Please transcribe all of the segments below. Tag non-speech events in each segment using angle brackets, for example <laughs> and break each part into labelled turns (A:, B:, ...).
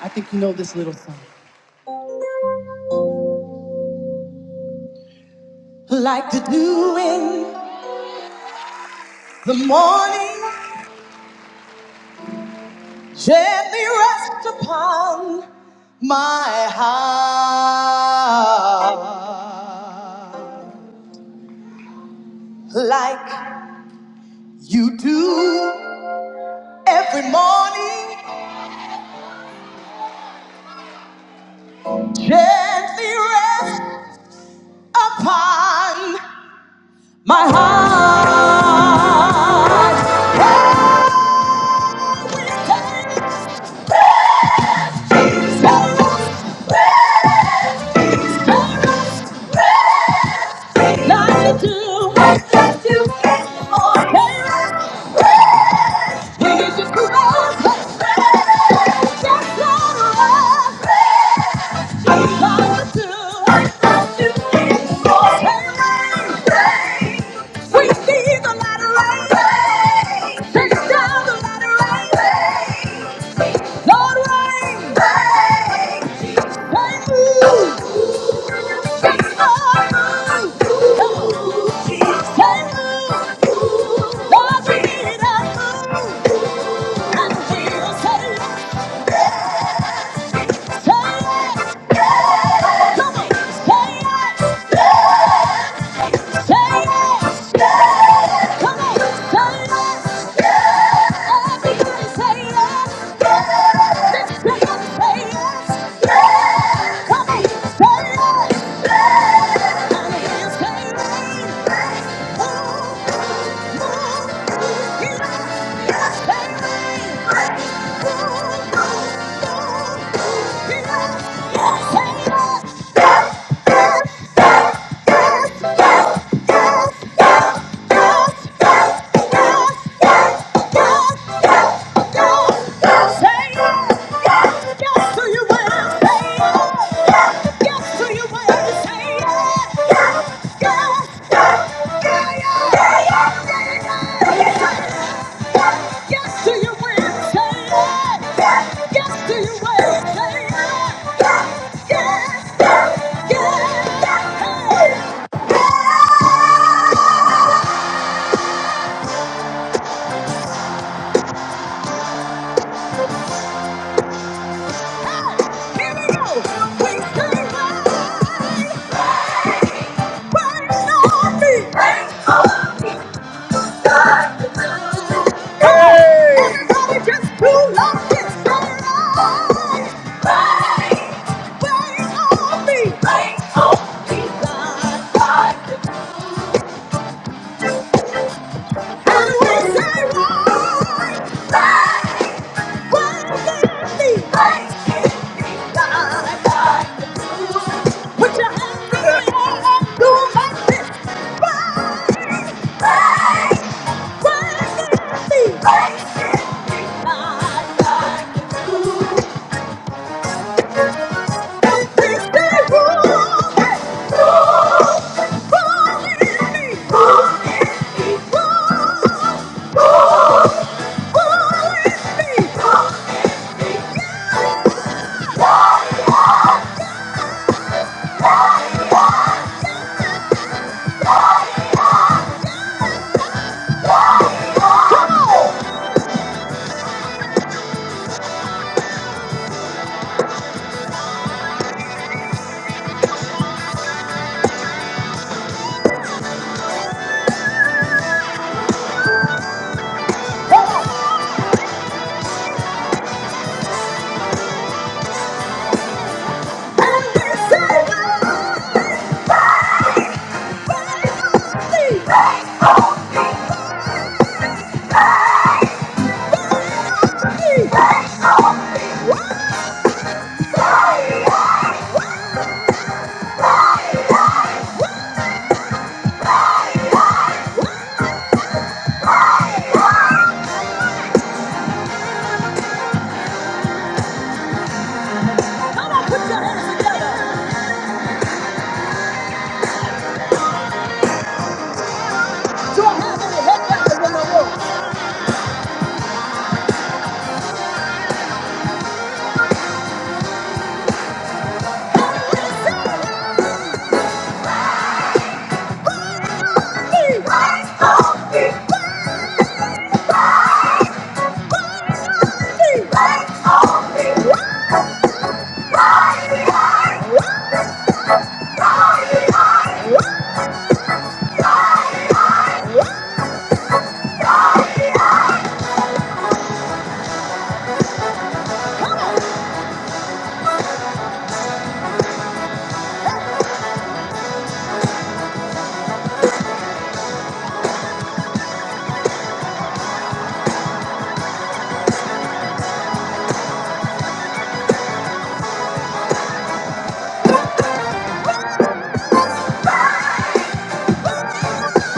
A: I think you know this little song. Like the dew in the morning, gently rest upon my heart. Like you do every morning, gently rest upon my heart. Like you do, like you do, oh, gently rest Thank you. Say it, yeah. Come on, say it, yeah. Say it, yeah. Come on, say it, yeah. Everybody say it, yeah. Everybody say it, yeah. Come on, say it. Hands, baby. Move, move, move, baby. Move, move, move, baby. Move, move, move, baby. Yes! Yes! Yes! Hey! Here we go. We can't wait. Rain, rain on me, rain on me, like the rain. Everybody just do the rain. Rain, rain on me, rain on me, like the rain. And we say, right, right, worthy, right, Put your hands in the air and do it like this. Right, right, worthy, right,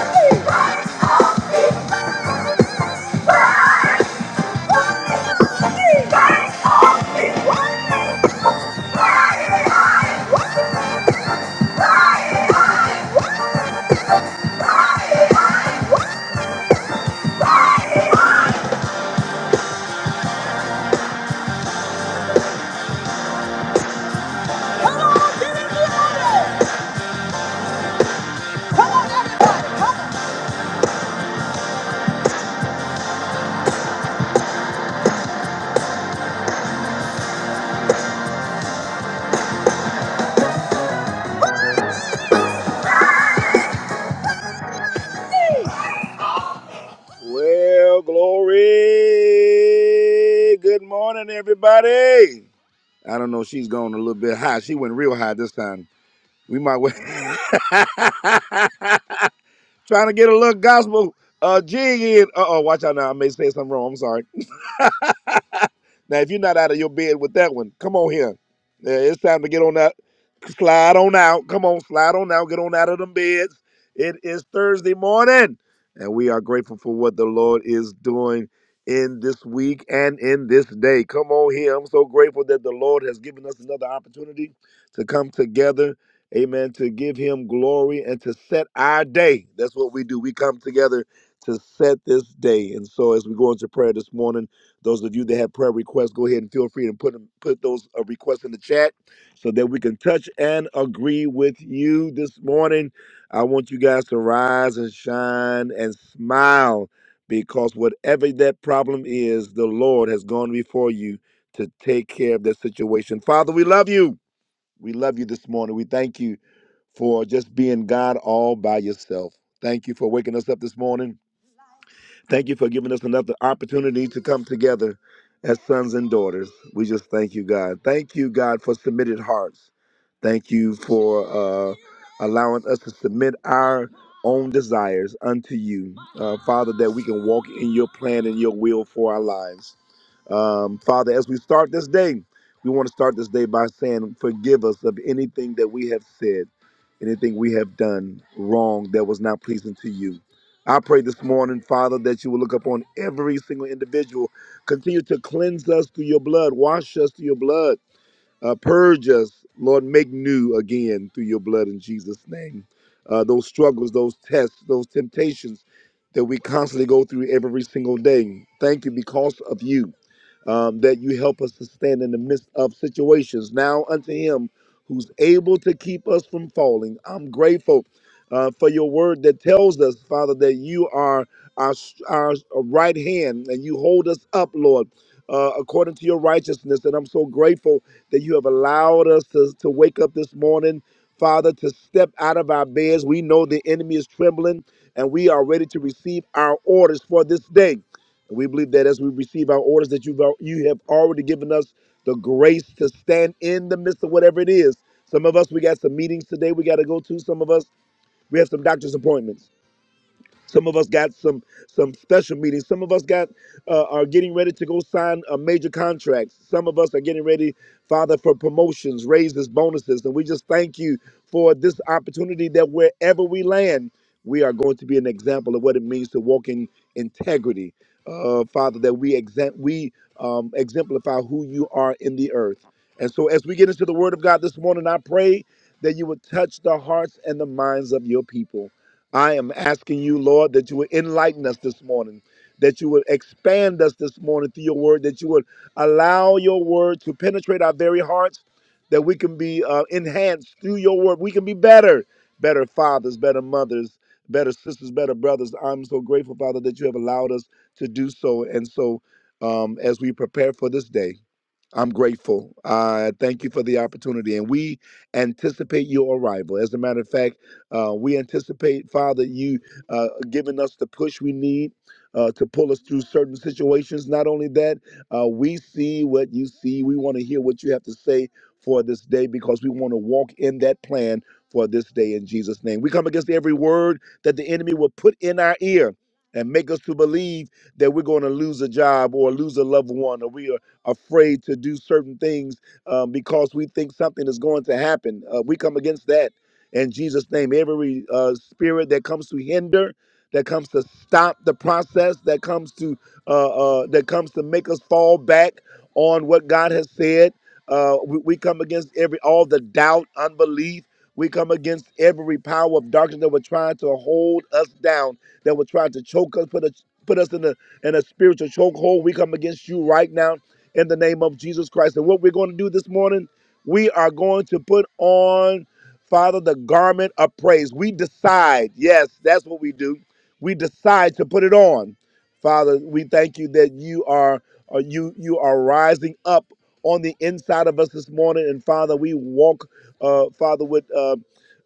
A: Come on, Well, glory. Good morning, everybody. I don't know. She's going a little bit high. She went real high this time. We might wait. <laughs> trying to get a little gospel uh, jig in. Uh oh, watch out now. I may say something wrong. I'm sorry. Now, if you're not out of your bed with that one, come on here. Yeah, it's time to get on that. Slide on out. Come on, slide on out. Get on out of them beds. It is Thursday morning, and we are grateful for what the Lord is doing in this week and in this day. Come on here. I'm so grateful that the Lord has given us another opportunity to come together. Amen. To give him glory and to set our day. That's what we do. We come together to set this day. And so as we go into prayer this morning, those of you that have prayer requests, go ahead and feel free to put 'em- put those uh, requests in the chat so that we can touch and agree with you this morning. I want you guys to rise and shine and smile because whatever that problem is, the Lord has gone before you to take care of that situation. Father, we love you. We love you this morning. We thank you for just being God all by yourself. Thank you for waking us up this morning. Thank you for giving us another opportunity to come together as sons and daughters. We just thank you, God. Thank you, God, for submitted hearts. Thank you for uh, allowing us to submit our own desires unto you, uh, Father, that we can walk in your plan and your will for our lives. Um, Father, as we start this day, we want to start this day by saying, Forgive us of anything that we have said, anything we have done wrong that was not pleasing to you. I pray this morning, Father, that you will look upon every single individual. Continue to cleanse us through your blood, wash us through your blood, uh, purge us, Lord, make new again through your blood in Jesus' name. Uh, those struggles, those tests, those temptations that we constantly go through every single day. Thank you because of you um, that you help us to stand in the midst of situations. Now unto him who's able to keep us from falling. I'm grateful uh, for your word that tells us, Father, that you are our, our right hand and you hold us up, Lord. Uh, according to your righteousness. And I'm so grateful that you have allowed us to, to wake up this morning, Father, to step out of our beds. We know the enemy is trembling and we are ready to receive our orders for this day. And we believe that as we receive our orders, that you've al- you have already given us the grace to stand in the midst of whatever it is. Some of us we got some meetings today we got to go to. Some of us we have some doctor's appointments. Some of us got some some special meetings. Some of us got uh, are getting ready to go sign uh, major contracts. Some of us are getting ready, Father, for promotions, raises, bonuses, and we just thank you for this opportunity that wherever we land, we are going to be an example of what it means to walk in integrity, uh, Father. That we exempt we um, exemplify who you are in the earth. And so, as we get into the Word of God this morning, I pray that you would touch the hearts and the minds of your people. I am asking you, Lord, that you would enlighten us this morning, that you would expand us this morning through your word, that you would allow your word to penetrate our very hearts, that we can be uh, enhanced through your word. We can be better, better fathers, better mothers, better sisters, better brothers. I'm so grateful, Father, that you have allowed us to do so. And so, um, as we prepare for this day, I'm grateful. Uh, thank you for the opportunity. And we anticipate your arrival. As a matter of fact, uh, we anticipate, Father, you uh, giving us the push we need uh, to pull us through certain situations. Not only that, uh, we see what you see. We want to hear what you have to say for this day because we want to walk in that plan for this day in Jesus' name. We come against every word that the enemy will put in our ear and make us to believe that we're going to lose a job or lose a loved one or we are afraid to do certain things um, because we think something is going to happen. Uh, we come against that in Jesus' name. Every uh, spirit that comes to hinder, that comes to stop the process, that comes to uh, uh, that comes to make us fall back on what God has said. Uh, we, we come against every all the doubt, unbelief. We come against every power of darkness that were trying to hold us down, that were trying to choke us, put us put us in a in a spiritual chokehold. We come against you right now in the name of Jesus Christ. And what we're going to do this morning, we are going to put on, Father, the garment of praise. We decide. Yes, that's what we do. We decide to put it on. Father, we thank you that you are uh, you you are rising up on the inside of us this morning, and Father, we walk, uh, Father, with uh,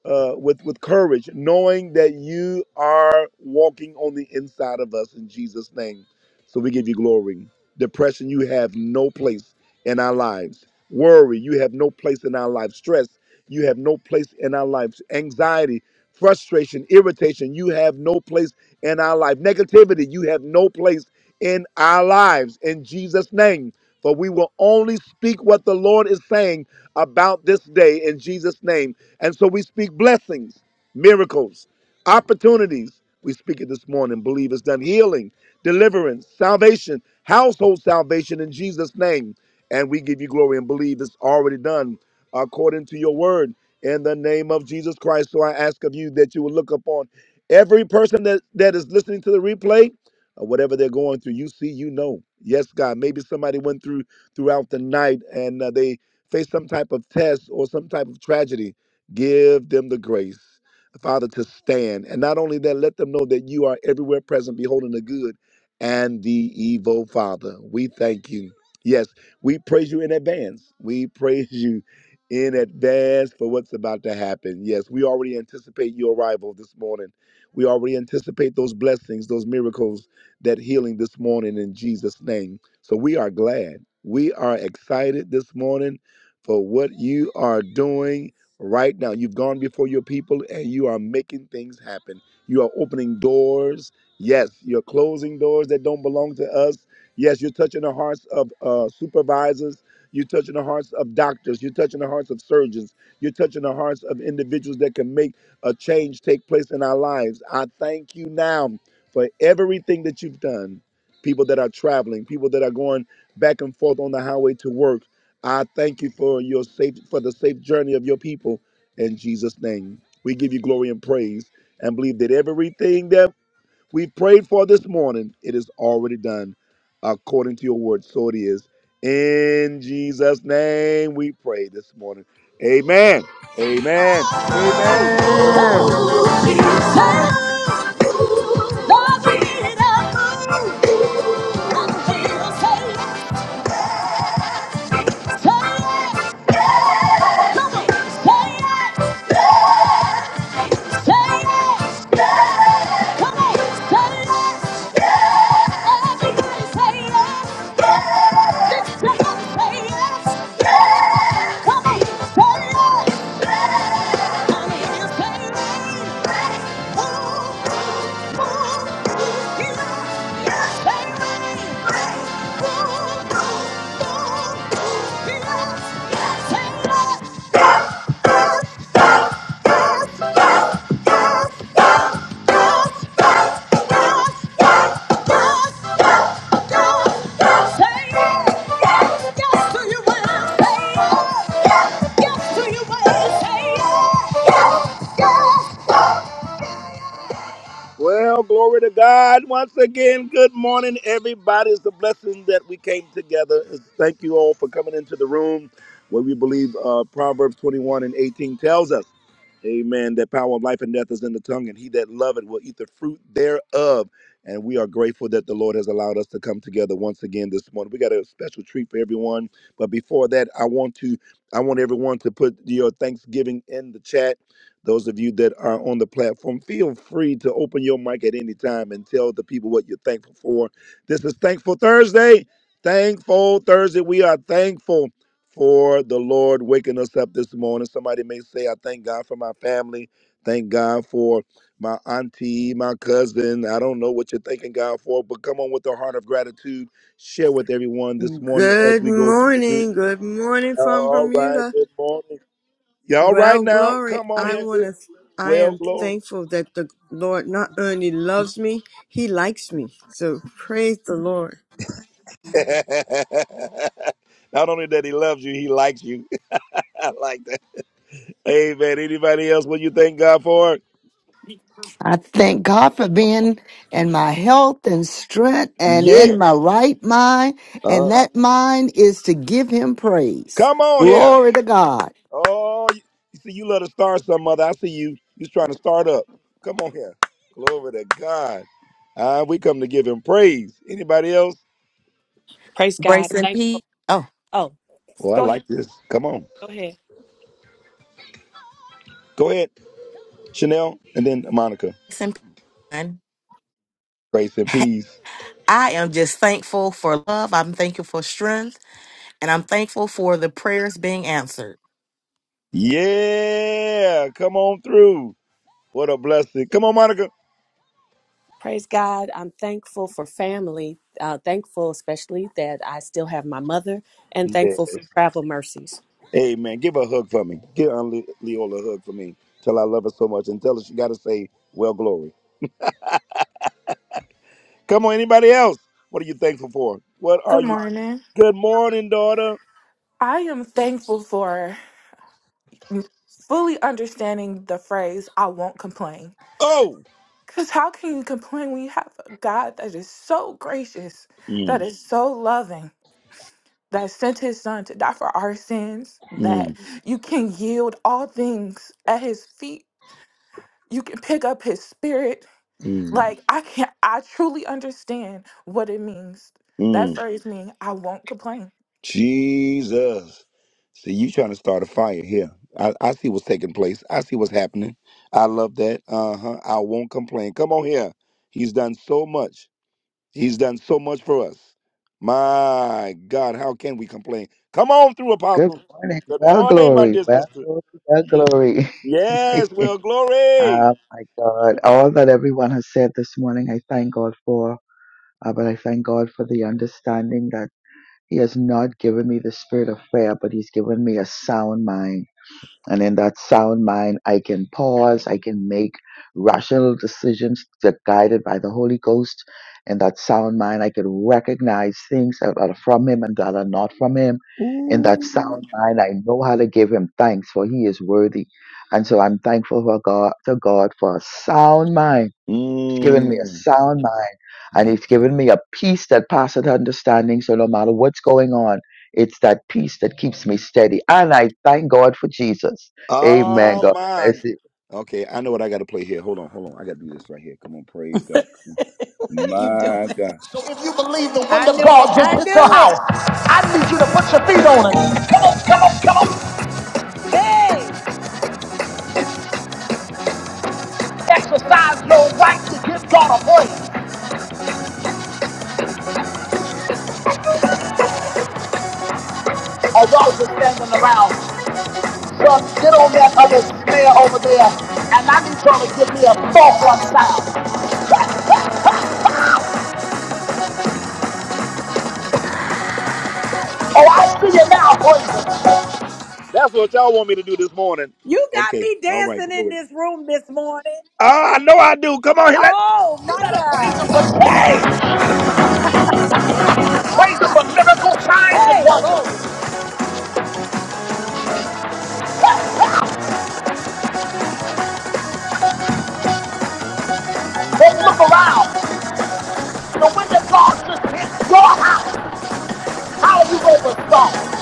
A: uh, with with courage, knowing that you are walking on the inside of us in Jesus' name. So we give you glory. Depression, you have no place in our lives. Worry, you have no place in our lives. Stress, you have no place in our lives. Anxiety, frustration, irritation, you have no place in our life. Negativity, you have no place in our lives. In Jesus' name. For we will only speak what the Lord is saying about this day in Jesus' name. And so we speak blessings, miracles, opportunities. We speak it this morning. Believe it's done. Healing, deliverance, salvation, household salvation in Jesus' name. And we give you glory and believe it's already done according to your word in the name of Jesus Christ. So I ask of you that you will look upon every person that, that is listening to the replay or whatever they're going through. You see, you know. Yes, God. Maybe somebody went through throughout the night and uh, they faced some type of test or some type of tragedy. Give them the grace, Father, to stand. And not only that, let them know that you are everywhere present, beholding the good and the evil, Father. We thank you. Yes, we praise you in advance. We praise you in advance for what's about to happen. Yes, we already anticipate your arrival this morning. We already anticipate those blessings, those miracles, that healing this morning in Jesus' name. So we are glad. We are excited this morning for what you are doing right now. You've gone before your people and you are making things happen. You are opening doors. Yes, you're closing doors that don't belong to us. Yes, you're touching the hearts of uh, supervisors. You're touching the hearts of doctors. You're touching the hearts of surgeons. You're touching the hearts of individuals that can make a change take place in our lives. I thank you now for everything that you've done. People that are traveling, people that are going back and forth on the highway to work. I thank you for your safe for the safe journey of your people in Jesus' name. We give you glory and praise and believe that everything that we prayed for this morning, it is already done according to your word. So it is. In Jesus' name we pray this morning. Amen. Amen. Amen. Say yes. Say yes. Come on, say it. Mommy, it's raining. Ooh, ooh, ooh, yeah. It's raining. Ooh, ooh, ooh, ooh, yeah. It's raining. Yes, yes, yes, yes, yes, yes, yes, yes. Say it. Yes, yes, do you believe it? Yes, yes, do you believe it? Say it. Yes, yes. Well, glory to God. Once again, good morning, everybody. It's a blessing that we came together. Thank you all for coming into the room where we believe uh, Proverbs 21 and 18 tells us, Amen, that power of life and death is in the tongue, and he that loveth will eat the fruit thereof. And we are grateful that the Lord has allowed us to come together once again this morning. We got a special treat for everyone. But before that, I want to I want everyone to put your Thanksgiving in the chat those of you that are on the platform, feel free to open your mic at any time and tell the people what you're thankful for. This is Thankful Thursday. Thankful Thursday. We are thankful for the Lord waking us up this morning. Somebody may say, I thank God for my family. Thank God for my auntie, my cousin. I don't know what you're thanking God for, but come on with a heart of gratitude. Share with everyone this morning as
B: Good
A: we go through the
B: morning.
A: greeting.
B: Good morning from
A: All right.
B: Bermuda.
A: Good morning. Y'all right
B: Well,
A: now?
B: glory,
A: Come on
B: I want
A: here.
B: to, I
A: Well,
B: am
A: glory.
B: thankful that the Lord not only loves me, he likes me. So praise the Lord.
A: <laughs> Not only that he loves you, he likes you. <laughs> I like that. Amen. Anybody else? What you thank God for?
C: I thank God for being in my health and strength and
A: Yeah.
C: in my right mind. And
A: Uh,
C: that mind is to give him praise.
A: Come on here.
C: Glory to God.
A: Oh, you, you see, you love to start some mother. I see you. You're trying to start up. Come on here. Glory to God. Uh, we come to give him praise. Anybody else?
D: Praise God.
E: Grace and peace.
D: Thankful.
E: Oh,
D: Oh,
A: Well, I
D: go ahead.
A: like this. Come on.
D: Go ahead.
A: Go ahead, Chanel, and then Monica.
E: grace and peace. man.
A: Grace and peace.
E: <laughs> I am just thankful for love. I'm thankful for strength. And I'm thankful for the prayers being answered.
A: Yeah. Come on through. What a blessing. Come on, Monica.
D: Praise God. I'm thankful for family. Uh, thankful, especially that I still have my mother, and
A: Yes.
D: thankful for travel mercies.
A: Amen. Give her a hug for me. Give Aunt Le- Leola a hug for me. Tell her I love her so much and tell her she got to say, well, glory. Come on, anybody else? What are you thankful for? What are
F: Good
A: you?
F: morning.
A: Good morning, daughter.
F: I am thankful for fully understanding the phrase, I won't complain.
A: Oh.
F: Because how can you complain when you have a God that is so gracious, that
A: Mm,
F: is so loving, that sent his son to die for our sins, that
A: mm,
F: you can yield all things at his feet? You can pick up his spirit.
A: mm,
F: Like, I can't, I truly understand what it means. That
A: mm.
F: phrase means, I won't complain.
A: Jesus. See, you trying to start a fire here. I, I see what's taking place. I see what's happening. I love that. Uh huh. I won't complain. Come on here. He's done so much. He's done so much for us. My God, how can we complain? Come on through,
G: Good
A: Apostle.
G: morning.
A: Good
G: Well,
A: morning, my
G: glory.
A: dear
G: Well,
A: sister.
G: glory. Well,
A: Ye-
G: glory.
A: Yes,
G: <laughs>
A: well, glory.
G: oh, my God. All that everyone has said this morning, I thank God for. Uh, but I thank God for the understanding that He has not given me the spirit of fear, but He's given me a sound mind and in that sound mind, I can pause, I can make rational decisions that are guided by the Holy Ghost. In that sound mind, I can recognize things that are from Him and that are not from Him. In that sound mind, I know how to give Him thanks, for He is worthy. And so I'm thankful for God, to God for a sound mind He's given me a
A: Mm.
G: sound mind and
A: my-
G: he's given me a peace that passeth understanding. So no matter what's going on, it's that peace that keeps me steady. And I thank God for Jesus. Amen.
A: Oh,
G: God
A: my.
G: bless you.
A: Okay, I know what I got to play here. Hold on, hold on. I got to do this right here. Come on, praise God. Come on.
H: <laughs> you doing?
A: My God.
H: I knew it.
A: God just
H: I
A: hit your
H: knew it.
A: house. I need you to put your feet on it.
H: Hey,
A: Exercise your right to give God a praise. Or y'all just standing around Well, get on that other smear over there, and I need y'all to give me a thought one time. Oh, I see you now, boys. That's what y'all want me to do this morning.
H: you got
A: Okay,
H: me
A: all right,
H: dancing in
A: glory.
H: this room this morning.
A: Ah, I know I do. Come on, here, let.
H: Oh
A: You
H: my
A: gotta praise
H: God.
A: him for praise, praise him for miracle signs and
H: Hey, glory.
A: wonders. Then look around. The wind of God just hit your house. How you gonna respond?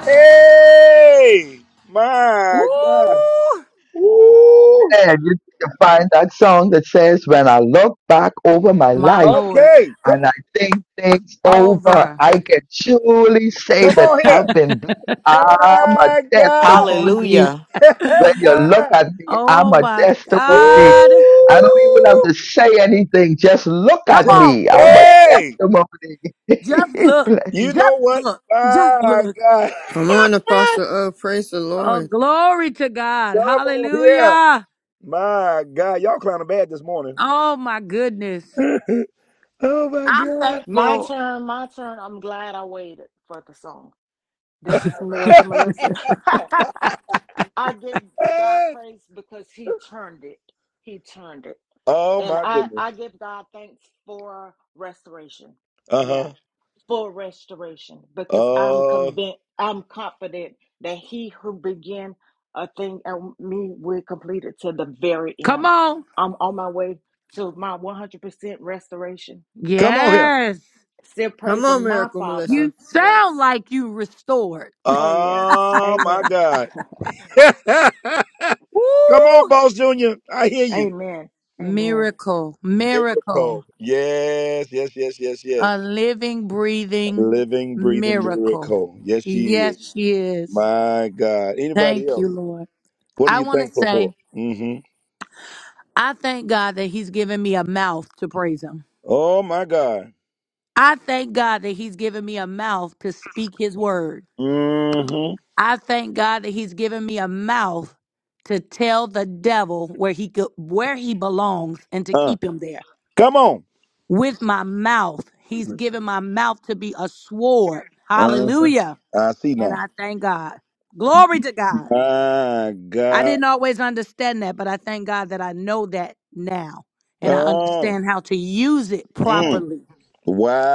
A: Hey, my God.
H: Woo!
A: Ooh.
G: And you can find that song that says, When I look back over my
H: My
G: life
H: Lord.
A: Okay.
G: and I think things over,
H: Over.
G: I can truly say
A: Come
G: that
A: on here.
G: I've been blessed. I'm a
A: My God.
G: testimony.
E: Hallelujah.
G: When you look
A: <laughs>
G: at me, I'm
H: Oh
G: a
H: my
G: testimony.
H: God.
G: I don't even have
A: Woo!
G: to say anything. Just look
H: Come
G: at
A: Just
H: on.
G: me. I'm a
H: Woo!
A: hey,
G: testimony.
H: Just
G: <laughs>
H: look.
G: Bless
A: you know
H: Just
A: what?
H: look. Just
A: My
H: look.
A: God.
B: Come on, Apostle.
A: <laughs>
B: Oh, praise the
H: Oh,
B: Lord.
H: glory to God.
A: Come on here.
H: Hallelujah.
A: My God. Y'all clowning bad this morning.
H: Oh my goodness.
A: Oh my
H: I'm
A: God. <laughs>
I: My
H: thankful.
I: turn, my turn. I'm glad I waited for the song. This is Miracle Melissa. <laughs> I give God
A: Ah.
I: praise because He turned it. He turned it.
A: Oh
I: And
A: my
I: I,
A: goodness.
I: I give God thanks for restoration. Yeah,
A: Uh-huh.
I: for restoration. Because I'm
A: Uh
I: convinced, I'm confident that He who began a thing and me will complete it to the very
H: Come
I: end.
H: on.
I: I'm on my way to my 100% restoration
A: come on here.
H: Yes.
I: Still
B: Come
I: praising
B: on,
I: my
B: Miracle
I: Father.
H: You
B: Melissa.
I: Yes.
H: sound like you restored.
I: Oh, yes.
A: Oh my
I: Amen.
A: God.
I: <laughs>
A: <laughs> come on,
H: Woo!
A: boss junior. I hear you.
I: Amen. Amen.
H: Miracle, miracle,
A: Miracle. Yes, yes, yes, yes,
H: a
A: yes.
H: living, breathing
A: Living, breathing
H: miracle.
A: miracle. Yes, she is.
H: Yes, she is.
A: My God. Anybody
H: Thank you,
A: else?
H: Lord.
A: What are
H: I
A: you
H: want to
A: thankful for?
H: say,
A: Mm-hmm.
H: I thank God that He's given me a mouth to praise Him.
A: Oh my God.
H: I thank God that He's given me a mouth to speak His word.
A: Mm-hmm.
H: I thank God that He's given me a mouth to tell the devil where he go, where he belongs and to
A: Uh.
H: keep him there.
A: Come on.
H: with my mouth. He's given my mouth to be a sword.
A: Uh-huh.
H: Hallelujah.
A: I see
H: And
A: now.
H: I thank God. Glory to God.
A: My
H: I
A: God.
H: didn't always understand that, but I thank God that I know that now and I
A: Oh.
H: understand how to use it
A: Mm.
H: properly.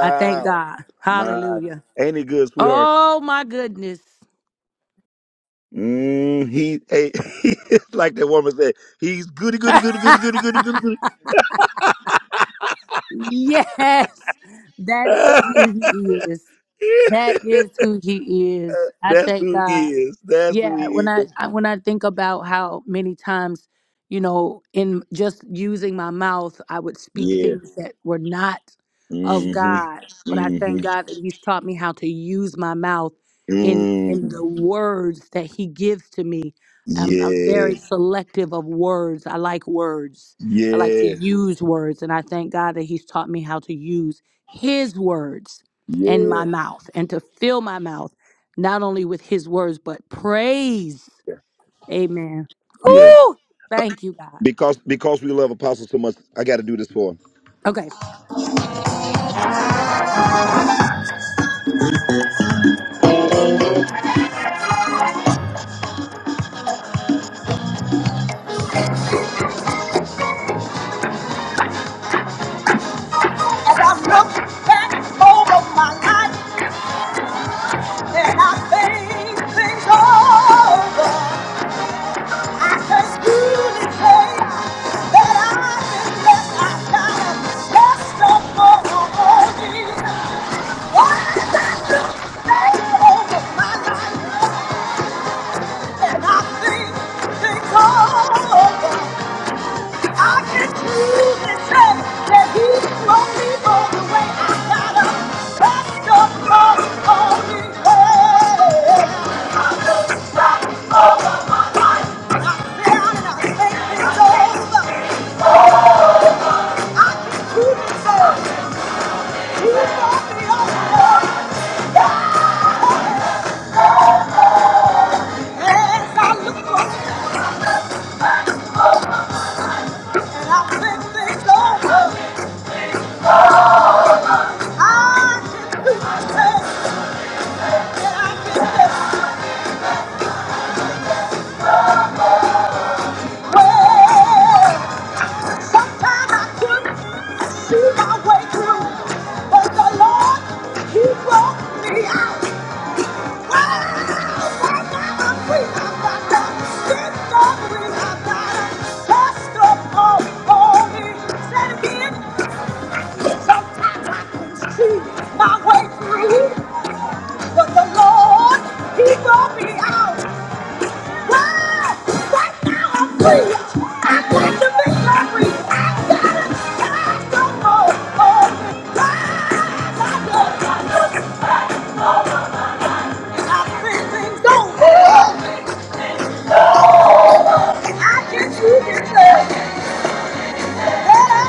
H: I thank God.
A: My
H: Hallelujah.
A: ain't he good, sweetheart?
H: Oh my goodness.
A: Mm, he, hey, <laughs> like that woman said, he's goody, goody,
H: <laughs>
A: goody, goody, goody, goody, goody, goody.
H: yes. That is who he is. That is who he is. I
A: That's
H: thank
A: who
H: God.
A: he is. That's who
H: Yeah,
A: he
H: when I,
A: is.
H: I when I think about how many times, you know, in just using my mouth, I would speak
A: Yeah.
H: things that were not of
A: Mm-hmm.
H: God. But I thank
A: Mm-hmm.
H: God that He's taught me how to use my mouth in in
A: Mm.
H: the words that He gives to me. I'm, I'm
A: Yeah.
H: very selective of words. I like words. I like to
A: Yeah.
H: use words, and I thank God that He's taught me how to use His words in
A: Yeah.
H: my mouth and to fill my mouth not only with his words, but praise. Amen.
A: Yeah.
H: Ooh, thank you, God.
A: Because because we love Apostle so much, I gotta do this for him.
H: Okay.
A: As I look back over my life and I think things over, I can truly say that I've been blessed. I've got a testimony. And I think things over. I can choose and say that He brought me all the way. I got up, crossed up, crossed on me. Hey, down and I think it's over. You deserve. You brought me all the Yes, I look up and I think it's over. I can choose and say that I can say, well, sometimes I couldn't see my way through, but the Lord, He brought me out. Sometimes I can see my way through, but the Lord, He brought me out. Right now I'm free. Don't go. Oh, I'm free. Things over. I can see it.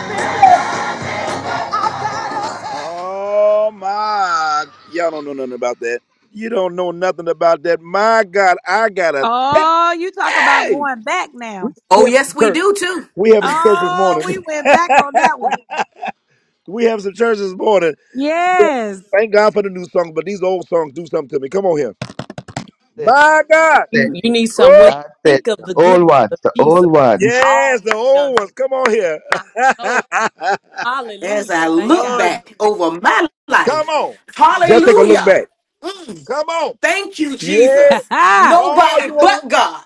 A: Oh my! Y'all don't know nothing about that. You don't know nothing about that. My God, I gotta.
H: Oh, you talk about
A: Hey,
H: going back
A: we,
H: now.
A: we
E: Oh,
A: have
E: yes,
A: some
E: we
A: church.
E: do too.
A: We have some church this
H: Oh, we
A: morning. <laughs>
H: went back on that one.
A: We have some church this morning. Yeah.
H: Yes.
A: Thank God for the new songs, but these old songs do something to me. Come on here.
G: it.
A: My
G: That's
A: God.
G: it.
D: You, you need some when
A: Oh,
G: That's
D: I
G: it.
D: think of
G: The
D: the
G: old
D: goodness of
G: ones. The
D: Jesus,
G: old ones.
D: all
A: yes,
D: He's
A: the
D: done for
A: old ones. Come on here.
D: my soul.
E: As I
D: Hallelujah.
A: <laughs>
D: Thank
E: look
D: God
A: Lord,
D: for
E: back
D: saving
E: over my
A: come
E: life,
A: on. Just take a look
E: hallelujah.
A: back.
E: Mm,
A: Come on.
E: thank you,
H: <laughs>
A: Yeah.
E: Jesus.
H: Woo-hoo.
A: Oh,
E: Nobody
A: you want
E: but
A: to?
E: God.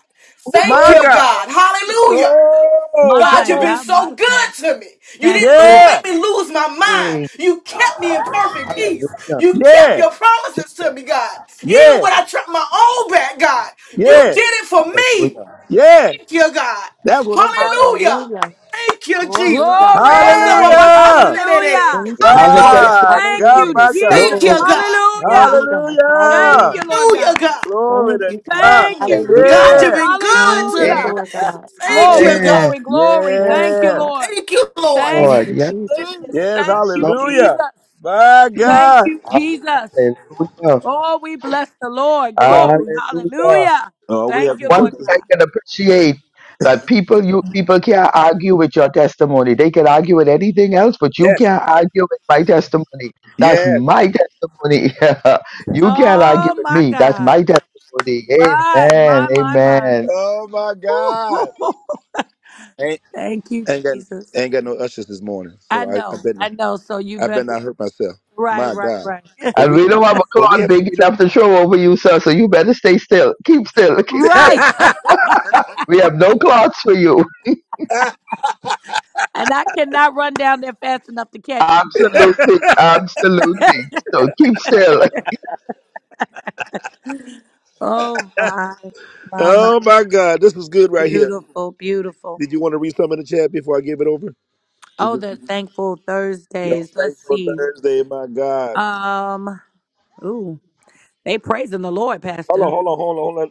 E: Thank
A: My
E: you,
A: God.
E: God. Hallelujah.
A: Oh,
E: God,
A: come
H: my
E: you've
A: on.
E: been
H: God, my
E: so
H: God.
E: good to me. You
H: Thank
E: didn't
H: you,
E: lose,
H: Lord.
E: make
A: Yeah,
E: me lose my mind.
G: Hey,
E: You kept me in perfect peace.
G: hallelujah.
E: You kept
A: yeah,
E: your promises
G: Jesus.
E: to me, God.
A: yeah,
E: Even when I tripped my own back, God, you did
A: yeah,
E: it for me.
G: Hallelujah.
A: yeah.
E: Thank you, God.
A: That's what I'm talking
E: Hallelujah.
F: Hallelujah.
E: Thank you,
F: Glory
E: Jesus.
F: God.
A: about.
E: Rosa
H: Glory.
E: baba
F: Hallelujah.
E: kasa
A: Hallelujah!
E: de de de de.
H: Hallelujah.
F: Thank
G: We
F: you,
G: have a
F: Jesus.
E: Hallelujah.
A: My
H: Thank
A: God,
F: Hallelujah.
H: you,
A: my
G: testimony.
A: God.
E: Thank
H: Jesus.
E: you,
G: Glory.
E: God.
H: Hallelujah.
F: Glory God.
H: Thank
A: Hallelujah!
H: you,
F: Hallelujah.
H: Lord
E: Hallelujah,
H: God.
E: God.
A: Glory
F: Thank
A: to
F: you, Father.
A: God.
H: Thank
E: Mm.
H: you,
F: Hallelujah.
E: God,
A: Yeah,
H: Jesus.
G: Hallelujah.
E: you've been good
F: Thank
E: to
F: you,
E: me.
H: Hallelujah.
G: Amen.
F: Lord God.
E: Thank
H: Glory,
F: Hallelujah.
E: you, God.
H: glory, glory.
F: Yes,
H: Thank you,
A: yeah,
F: God.
H: Lord.
E: Thank you, Lord.
H: Thank you
F: Thank
G: Lord.
F: you,
H: for
G: Yes.
H: your
F: Jesus.
E: Mm.
H: goodness.
A: yes,
H: Thank
G: Yes,
H: you,
G: Lord.
H: Jesus.
A: hallelujah. My
H: Thank
A: God.
H: you, Jesus.
G: Hallelujah.
H: Oh, we bless the Lord.
A: Bless you.
H: Glory.
G: Hallelujah.
H: Hallelujah.
A: Oh, we have
H: Thank
G: And
A: some
H: you,
G: one
H: Lord
G: thing
A: churches.
G: I
H: God.
G: can appreciate that people you people can't argue with your testimony. They can argue with anything else, but you
A: Yes,
G: can't argue with my testimony. That's
A: yes.
G: my testimony. <laughs> you can't argue
H: Oh,
G: with
H: my
G: me. That's
H: God.
G: my testimony.
H: My,
G: Amen.
H: my, my, my.
G: Amen.
A: Oh, my
H: Ooh,
A: God.
H: <laughs>
A: Ain't,
H: Thank you,
A: ain't, got,
H: Jesus.
A: ain't got no ushers this morning,
H: I
A: so I, I
H: know.
A: bet.
H: I know. So you
A: I bet
H: better.
A: not hurt myself.
H: Right,
A: My
H: right,
A: God.
H: right. <laughs>
A: But
G: And
A: we
G: we don't have a
A: but we
G: cloth
A: having
G: big
A: some church.
G: enough to show over you, sir. So you better stay still. Keep still. <laughs> Keep
A: <laughs>
G: still.
H: right.
G: We have no cloths for you.
H: And I cannot run down there fast enough to
G: <laughs>
H: catch you. So,
G: Absolutely. Absolutely. So keep still. <laughs>
H: oh, my, my, my.
A: oh my God. This was good right here.
H: Beautiful, beautiful.
A: Did you want to read some in the chat before I give it over? Did
H: Oh,
A: you
H: the thankful
A: Y'all
H: Thursdays. Let's
A: thankful
H: see.
A: Thursday, my God.
H: Um, ooh, they praising the Lord,
A: Hold on,
H: Pastor.
A: hold on, hold on, hold on.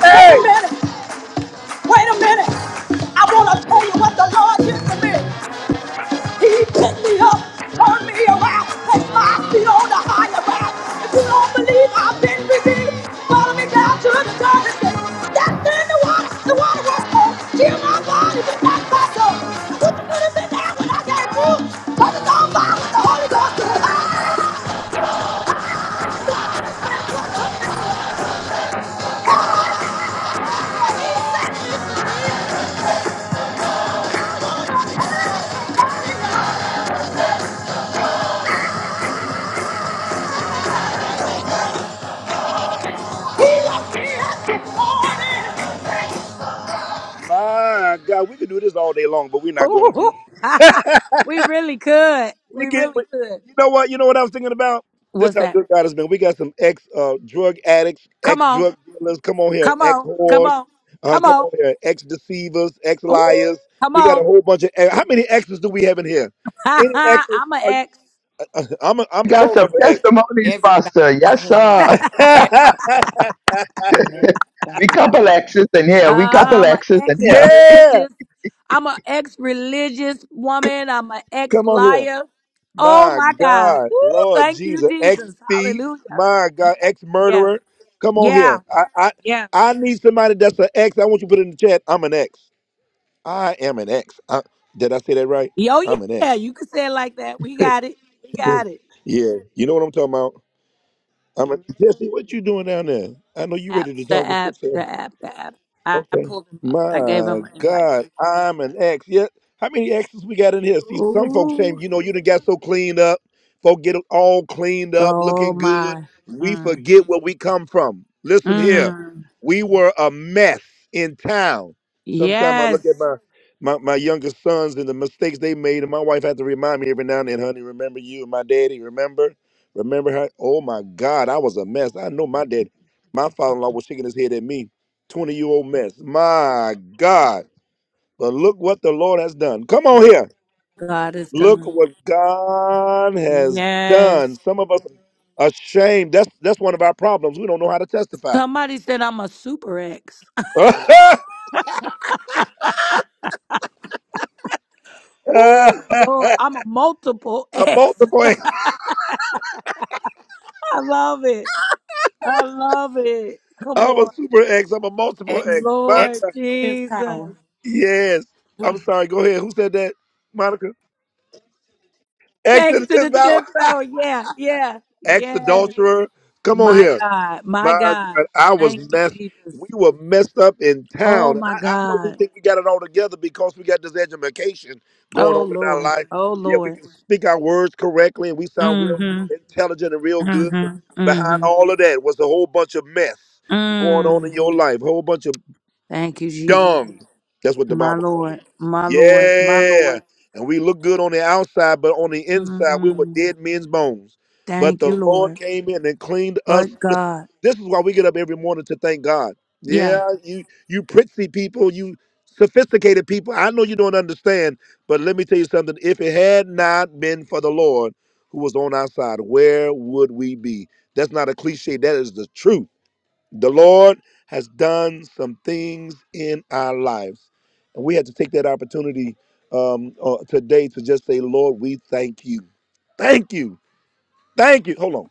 A: Wait Hey! a Hey! minute. Wait a minute. I want to tell you what the Lord did for me. He picked me up, turned me around, placed my feet on the higher ground. If you don't believe I've been redeemed, follow me down to the dirty sea. Stepped in the water, the water was cold. Healed my body, but not my soul. What you could have there when I came through? Cause it's on fire with the Holy Ghost. Ah, he left. My God, we could do this all day long, but we're not going to.
H: Ooh, <laughs> we really could.
A: We
H: We
A: get, we,
H: really could.
A: you know what? You know what I was thinking about? This
H: What's
A: how
H: that?
A: good God has been. We got some ex uh, drug addicts,
H: Come
A: ex
H: on,
A: drug dealers. Come on here,
H: come
A: ex
H: on, come
A: whores.
H: on,
A: Uh,
H: come
A: come
H: on.
A: on here, ex deceivers, ex
H: Ooh,
A: liars.
H: come
A: We got a
H: on.
A: whole bunch of. ex- How many exes do we have in here?
H: <laughs>
A: Any
H: i
A: exes?
H: am an
A: Are
H: ex.
A: you, <laughs> I'm a, I'm
G: You got
A: showing
G: some
A: up an ex.
G: testimonies,
D: everybody.
G: Pastor. Yes,
I: Amen.
G: sir.
D: Ex,
A: <laughs>
G: <laughs>
I: Amen. Thank
G: we
I: you,
G: couple
I: Father.
G: X's in here. We
H: Uh,
G: couple
H: I'm an
G: X's in here.
A: yeah,
H: ex-religious. I'm an ex-religious woman. I'm an
A: come on here.
H: ex-liar. Oh
A: My
H: my God.
A: God,
H: Woo,
A: Lord
H: thank you,
A: Jesus, ex
H: Jesus.
A: thief.
H: Hallelujah.
A: My
H: Yeah,
A: God, ex
H: yeah,
A: murderer. Come on
H: yeah,
A: here. I, I
H: yeah.
A: I need somebody that's an ex. I want you to put it in the chat. I'm an ex. I am an ex. I, did I say that right?
H: Yo,
A: I'm an
H: yeah,
A: ex.
H: you can say it like that. We got it. We got it.
A: Yeah. You know what I'm talking about? I'm a, Jesse, what you doing down there? I know you
H: App,
A: ready to
H: the
A: talk with
H: app,
A: yourself.
H: the app, the app. I, I
A: Okay.
H: pulled him up. I gave
A: My
H: him an invite.
A: God, I'm an ex. Yeah. How many exes we got in here? See, some folks shame,
H: Ooh.
A: you know, you done got so cleaned up. Folk get all cleaned up,
H: Oh
A: looking good.
H: my.
A: We
H: Mm.
A: forget where we come from. Listen here.
H: Mm.
A: We were a mess in town. Sometimes I look at
H: Yes.
A: my my, my youngest sons and the mistakes they made, and my wife had to remind me every now and then, honey, remember you and my daddy, remember? Remember her? Oh my God, I was a mess. I know my daddy. My father-in-law was shaking his head at me. 20 year old mess. My God. But look what the Lord has done. Come on here.
H: God is
A: Look
H: done.
A: what God has done.
H: Yes.
A: Some of us are ashamed. That's that's one of our problems. We don't know how to testify.
H: Somebody said I'm a super X.
A: <laughs>
H: Ooh,
A: a
H: Lord, I'm a multiple X.
A: multiple X.
H: <laughs> I love it. I love it. Come
A: I'm a
H: on.
A: super X. I'm a multiple
D: ex,
A: X. My
D: ex,
H: Lord
A: God.
D: tenth
H: Jesus.
D: power.
A: Yes.
D: <laughs>
A: I'm sorry. Go ahead. Who said that? Monica. X to
H: Thanks
A: the
H: to the
A: 10th
H: 10th
A: power.
H: hour. Yeah, yeah,
A: ex
H: yes.
A: adulterer. Come on
H: My
A: here.
H: God,
A: My
H: my God.
A: God, I was
H: Thank you,
A: messed.
H: Jesus.
A: We were messed up in
H: Oh,
A: town.
H: my
A: I, I know we
H: God.
A: think we got it all together because we got this education going
H: Oh,
A: on in our
H: Lord.
A: life.
H: Oh,
A: Yeah, we
H: Lord.
A: can speak our words correctly and we sound real
H: Mm-hmm.
A: intelligent and real good. And
H: Mm-hmm.
A: behind
H: Mm-hmm.
A: all of that was a whole bunch of mess going on in
H: Mm.
A: your life, whole bunch of
H: Thank you, Jesus.
A: Dumb. That's what the
H: My
A: Bible called it.
H: Lord. My Lord. My
A: Yeah.
H: Lord.
A: And we look good on the outside, but on the inside, we were
H: Mm
A: dead men's bones. But
H: Thank
A: the
H: you,
A: Lord
H: Lord.
A: came in and cleaned us.
H: But
A: Listen,
H: God.
A: this is why we get up every morning to thank God.
H: Yeah.
A: Yeah, you you pretty people, you sophisticated people. I know you don't understand, but let me tell you something. If it had not been for the Lord who was on our side, where would we be? That's not a cliche. That is the truth. The Lord has done some things in our lives. And we have to take that opportunity um, uh, today to just say, Lord, we thank you. Thank you. Thank you. Hold on.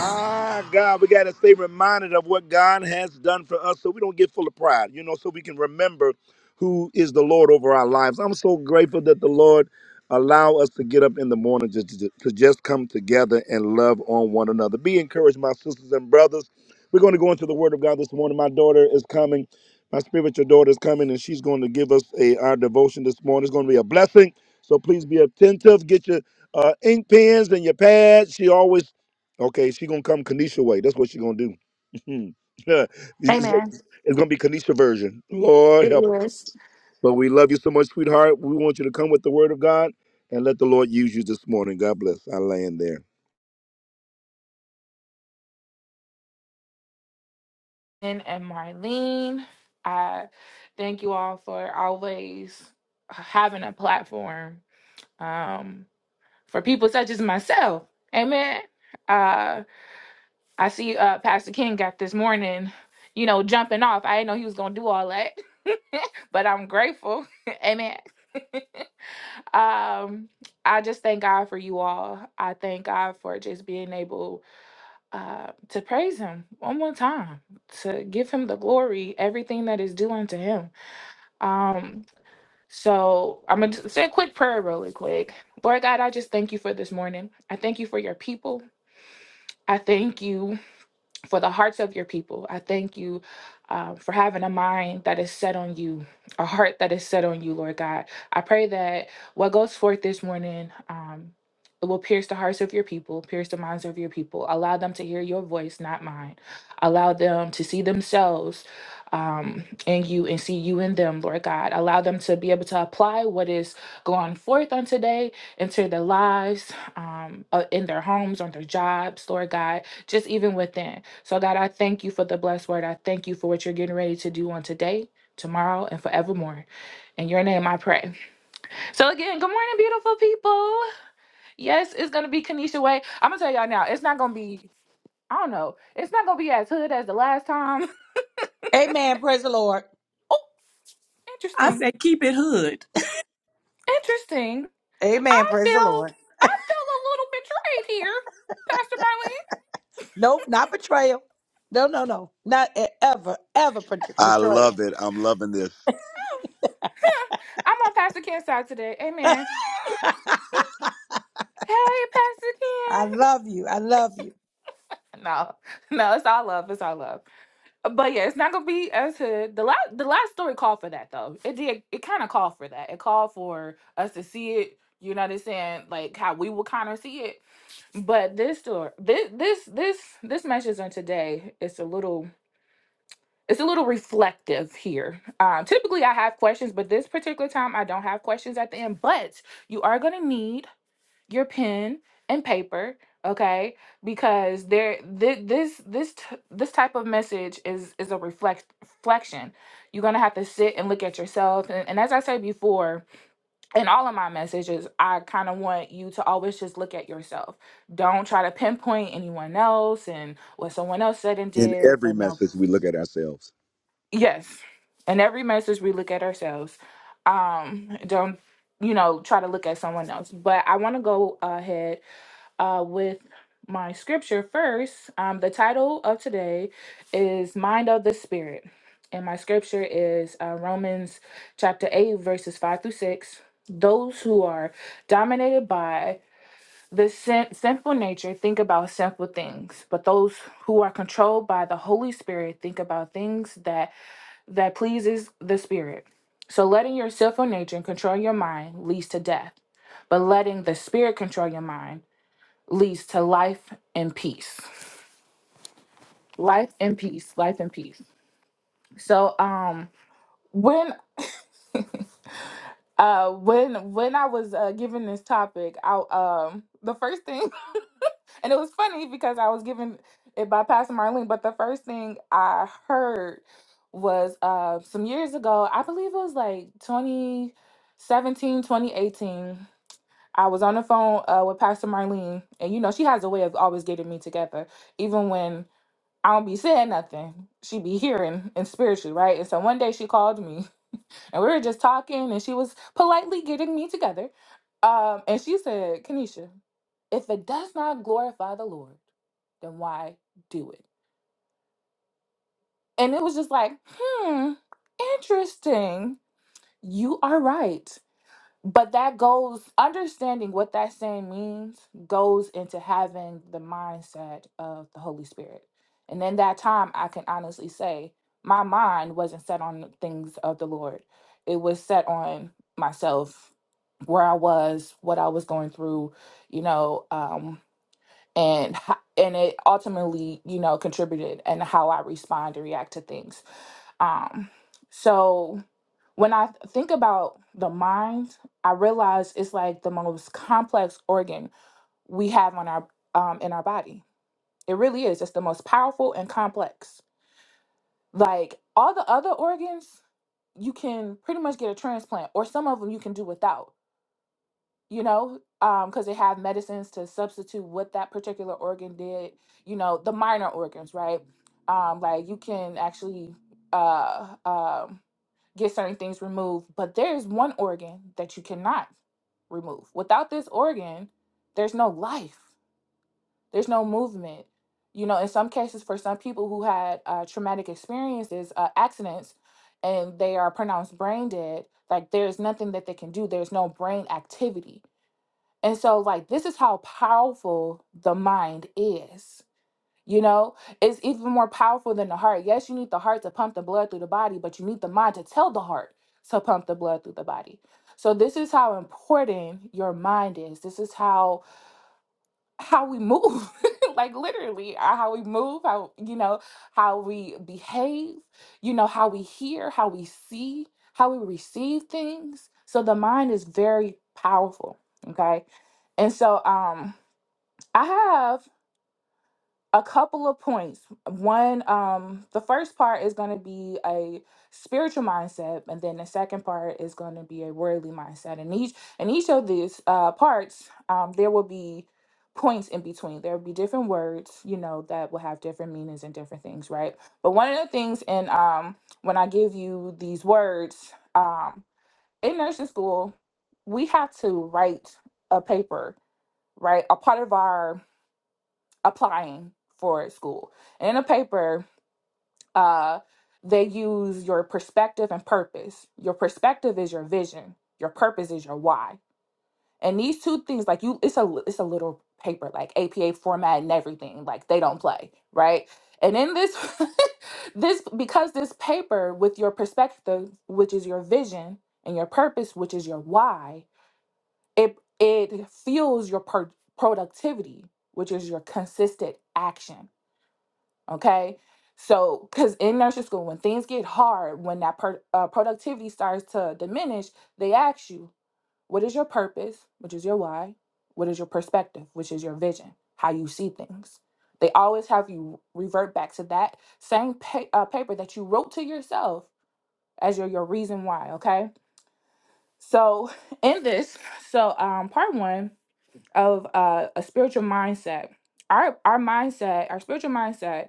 A: My God, we got to stay reminded of what God has done for us so we don't get full of pride, you know, so we can remember who is the Lord over our lives. I'm so grateful that the Lord allow us to get up in the morning to, to, to just come together and love on one another. Be encouraged, my sisters and brothers. We're going to go into the Word of God this morning. My daughter is coming. My spiritual daughter is coming, and she's going to give us a our devotion this morning. It's going to be a blessing. So please be attentive. Get your uh, ink pens and your pads. She always Okay, she gonna come Kanisha way. That's what she gonna do. <laughs> Yeah, it's gonna
F: Amen.
A: it's gonna be Kanisha version. Lord
F: It
A: help her.
F: is.
A: But we love you so much, sweetheart. We want you to come with the Word of God and let the Lord use you this morning. God bless. I land there.
F: And, and Marlene, I thank you all for always having a platform um, for people such as myself. Amen. I see uh, Pastor King got this morning, you know, jumping off. I didn't know he was gonna do all that, <laughs> but I'm grateful. <laughs> Amen. <laughs> um, I just thank God for you all. I thank God for just being able uh, to praise Him one more time, to give Him the glory, everything that is due unto Him. Um, so I'm gonna say a quick prayer, really quick. Lord God, I just thank you for this morning. I thank you for your people. I thank you for the hearts of your people. I thank you um, for having a mind that is set on you, a heart that is set on you, Lord God. I pray that what goes forth this morning. Um, it will pierce the hearts of your people, pierce the minds of your people. Allow them to hear your voice, not mine. Allow them to see themselves um, in you and see you in them, Lord God. Allow them to be able to apply what is going forth on today into their lives, um, uh, in their homes, on their jobs, Lord God, just even within. So, God, I thank you for the blessed word. I thank you for what you're getting ready to do on today, tomorrow, and forevermore. In your name, I pray. So, again, good morning, beautiful people. Yes, it's going to be Kanisha Way. I'm going to tell y'all now, it's not going to be, I don't know, it's not going to be as hood as the last time. <laughs>
H: Amen. Praise the Lord.
F: Oh,
D: I
F: interesting.
D: said, keep it hood.
F: Interesting.
H: Amen.
F: I
H: Praise the Lord.
F: feel, I feel a little betrayed here, Pastor Marlene.
H: Nope, not betrayal. No, no, no. Not e- ever, ever bet-
A: I
H: betrayal.
A: love it. I'm loving this.
F: Hmm, huh. I'm on Pastor Ken's side today. Amen. Hey, Pastor
H: I
F: Ken. <laughs>
H: love you. I love you.
F: No, no, it's all love. It's all love. But yeah, it's not gonna be as hood. The last the last story called for that though. It did it kinda called for that. It called for us to see it, you know what I'm saying, like how we will kinda see it. But this story this this this this message on today It's a little it's a little reflective here. Um, typically I have questions, but this particular time I don't have questions at the end. But you are gonna need your pen and paper okay because there thi- this this t- this type of message is is a reflect reflection you're gonna have to sit and look at yourself and, and as i said before in all of my messages i kind of want you to always just look at yourself don't try to pinpoint anyone else and what someone else said and
A: In
F: did
A: every
F: but no
A: message, we look at ourselves.
F: yes in every message we look at ourselves um don't you know try to look at someone else but i want to go ahead uh, with my scripture first. Um, the title of today is Mind of the Spirit. And my scripture is uh, Romans chapter 8, verses 5 through 6. Those who are dominated by the sin- sinful nature think about sinful things, but those who are controlled by the Holy Spirit think about things that that pleases the Spirit. So letting your sinful nature control your mind leads to death, but letting the Spirit control your mind leads to life and peace. Life and peace, life and peace. So um when <laughs> uh when when I was uh given this topic, I um the first thing <laughs> and it was funny because I was given it by Pastor Marlene, but the first thing I heard was uh some years ago, I believe it was like 2017, 2018. I was on the phone uh, with Pastor Marlene, and you know, she has a way of always getting me together, even when I don't be saying nothing. She be hearing and spiritually, right? And so one day she called me <laughs> and we were just talking and she was politely getting me together. Um, and she said, Kenesha, if it does not glorify the Lord, then why do it? And it was just like, hmm, interesting. You are right. but that goes understanding what that saying means goes into having the mindset of the holy spirit and in that time i can honestly say my mind wasn't set on the things of the lord it was set on myself where i was what i was going through you know um and ho- and it ultimately you know contributed and how i respond and react to things um so when I th- think about the mind, I realize it's like the most complex organ we have on our um, in our body. It really is. It's the most powerful and complex. Like all the other organs, you can pretty much get a transplant, or some of them you can do without you know, um, because they have medicines to substitute what that particular organ did, you know, the minor organs, right? Um, like you can actually uh, um, get certain things removed, but there's one organ that you cannot remove. Without this organ, there's no life, there's no movement. You know, in some cases, for some people who had uh, traumatic experiences, uh, accidents, and they are pronounced brain dead, like there's nothing that they can do, there's no brain activity and so, like, this is how powerful the mind is. You know, it's even more powerful than the heart. Yes, you need the heart to pump the blood through the body, but you need the mind to tell the heart to pump the blood through the body. So, this is how important your mind is. This is how how we move <laughs> like literally uh, how we move how you know how we behave you know how we hear how we see how we receive things so the mind is very powerful okay and so um i have a couple of points. One, um, the first part is going to be a spiritual mindset, and then the second part is going to be a worldly mindset. And each and each of these uh, parts, um, there will be points in between. There will be different words, you know, that will have different meanings and different things, right? But one of the things in um, when I give you these words um, in nursing school, we have to write a paper, right? A part of our applying for school. And in a paper, uh, they use your perspective and purpose. Your perspective is your vision. Your purpose is your why. And these two things, like you, it's a it's a little paper, like APA format and everything. Like they don't play, right? And in this, <laughs> this because this paper with your perspective, which is your vision, and your purpose, which is your why, it it fuels your pro- productivity, which is your consistent action Okay. So, because in nursing school, when things get hard, when that per, uh, productivity starts to diminish, they ask you, what is your purpose, which is your why? What is your perspective, which is your vision, how you see things? They always have you revert back to that same pa- uh, paper that you wrote to yourself as your, your reason why. Okay. So, <laughs> in this, so um, part one of uh, a spiritual mindset, our, our mindset, our spiritual mindset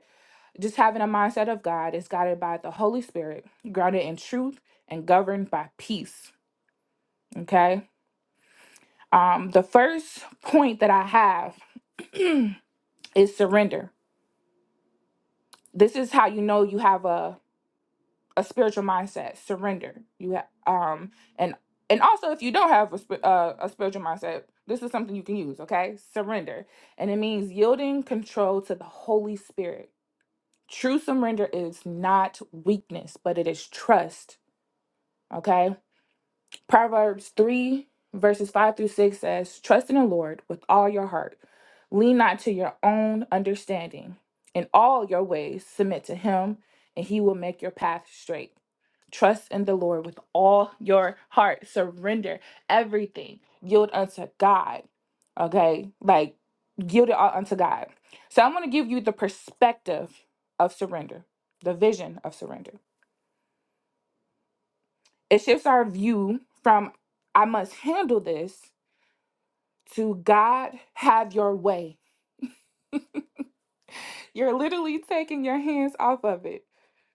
F: just having a mindset of God is guided by the Holy Spirit, grounded in truth and governed by peace. Okay. Um, the first point that I have <clears throat> is surrender. This is how you know you have a, a spiritual mindset. Surrender. You have um and and also if you don't have a, sp- uh, a spiritual mindset, this is something you can use. Okay, surrender, and it means yielding control to the Holy Spirit. True surrender is not weakness, but it is trust. Okay Proverbs 3, verses 5 through 6 says, Trust in the Lord with all your heart. Lean not to your own understanding. In all your ways, submit to him, and he will make your path straight. Trust in the Lord with all your heart. Surrender everything. Yield unto God. Okay? Like, yield it all unto God. So, I'm going to give you the perspective of surrender, the vision of surrender. It shifts our view from I must handle this to God, have your way. You're literally taking your hands off of it.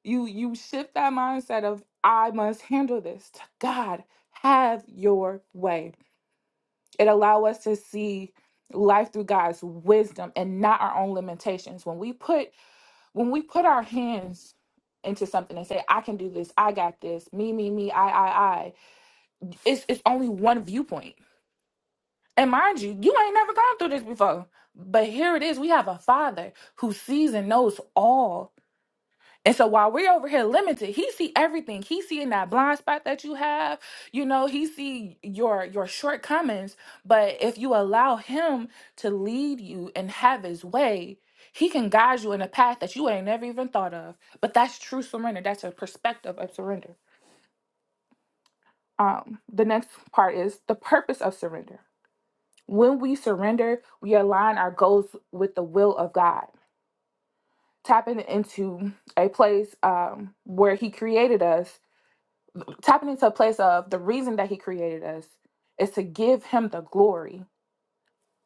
F: You you shift that mindset of I must handle this to God, have your way. It allow us to see life through God's wisdom and not our own limitations. When we put when we put our hands into something and say, I can do this, I got this, me, me, me, I, I, I, it's it's only one viewpoint And mind you, you ain't never gone through this before. But here it is. We have a father who sees and knows all. And so while we're over here limited, he see everything. He seeing that blind spot that you have. You know, he see your your shortcomings. But if you allow him to lead you and have his way, he can guide you in a path that you ain't never even thought of. But that's true surrender. That's a perspective of surrender. Um, the next part is the purpose of surrender. When we surrender, we align our goals with the will of God, tapping into a place um, where He created us, tapping into a place of the reason that He created us is to give Him the glory.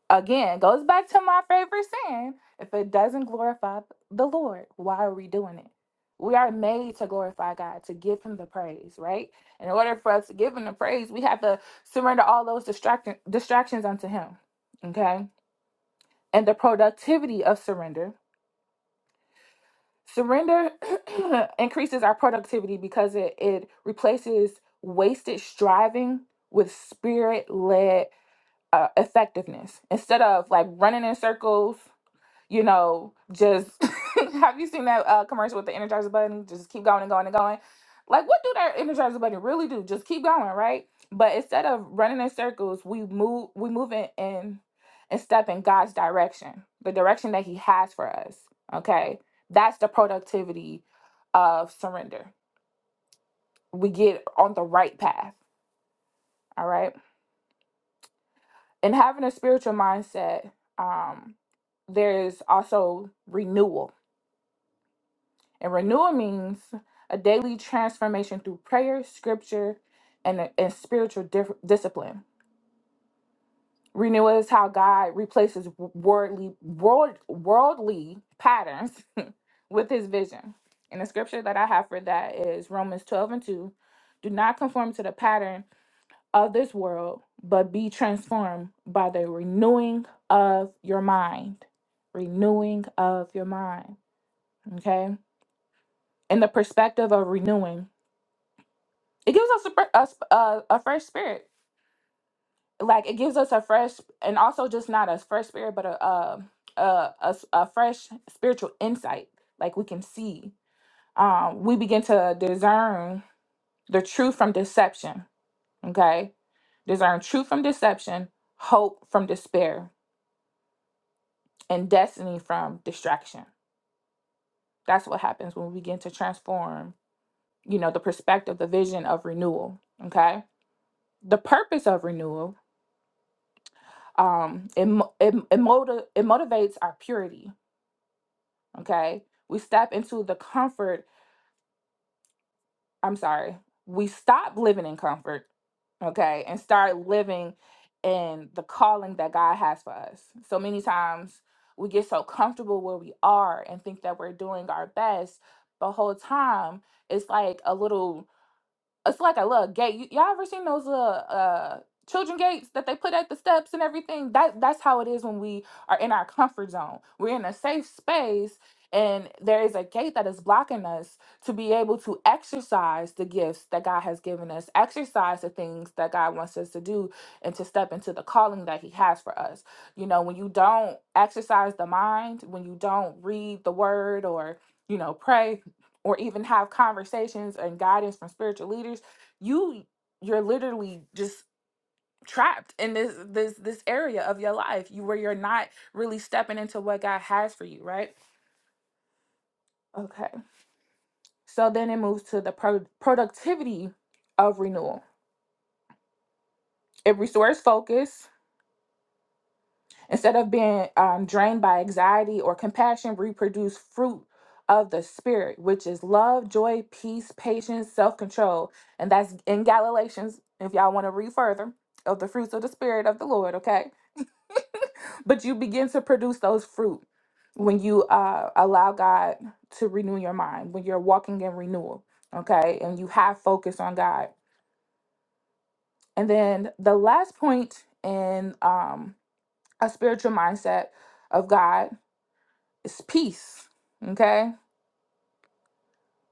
F: Again, goes back to my favorite saying if it doesn't glorify the Lord, why are we doing it? We are made to glorify God, to give Him the praise, right? And In order for us to give Him the praise, we have to surrender all those distract- distractions unto Him, okay? and the productivity of surrender. Surrender <clears throat> increases our productivity because it, it replaces wasted striving with spirit led uh, effectiveness. Instead of like running in circles you know, just <laughs> have you seen that uh, commercial with the Energizer Bunny? Just keep going and going and going. Like, what do that Energizer Bunny really do? Just keep going, right? But instead of running in circles, we move, we move in in and step in God's direction, the direction that He has for us. Okay, that's the productivity of surrender. We get on the right path. All right, and having a spiritual mindset, um, there is also renewal And renewal means a daily transformation through prayer, scripture, and, and spiritual dif- discipline. Renewal is how God replaces worldly, world, worldly patterns <laughs> with his vision. And the scripture that I have for that is Romans 12 and 2. Do not conform to the pattern of this world, but be transformed by the renewing of your mind. Renewing of your mind. Okay? In the perspective of renewing. It gives us a, fre- a, sp- a, a fresh spirit. Like it gives us a fresh, and also just not a fresh spirit, but a a, a, a s- a fresh spiritual insight. Like we can see, um, we begin to discern the truth from deception. Okay, discern truth from deception, hope from despair, and destiny from distraction. That's what happens when we begin to transform. You know, the perspective, the vision of renewal. Okay, the purpose of renewal um it mo- it, it, motiv- it motivates our purity okay we step into the comfort i'm sorry we stop living in comfort okay and start living in the calling that god has for us so many times we get so comfortable where we are and think that we're doing our best the whole time it's like a little it's like a little gate. You, y'all ever seen those little uh children gates that they put at the steps and everything? That that's how it is when we are in our comfort zone. We're in a safe space and there is a gate that is blocking us to be able to exercise the gifts that God has given us, exercise the things that God wants us to do and to step into the calling that he has for us. You know, when you don't exercise the mind, when you don't read the word or, you know, pray, or even have conversations and guidance from spiritual leaders you you're literally just trapped in this this this area of your life you where you're not really stepping into what god has for you right okay so then it moves to the pro- productivity of renewal it restores focus Instead of being um, drained by anxiety or compassion, reproduce fruit of the Spirit, which is love, joy, peace, patience, self control. And that's in Galatians, if y'all want to read further, of the fruits of the Spirit of the Lord, okay? But you begin to produce those fruit when you uh, allow God to renew your mind, when you're walking in renewal, okay? And you have focus on God. And then the last point in um, a spiritual mindset of God it's peace. Okay.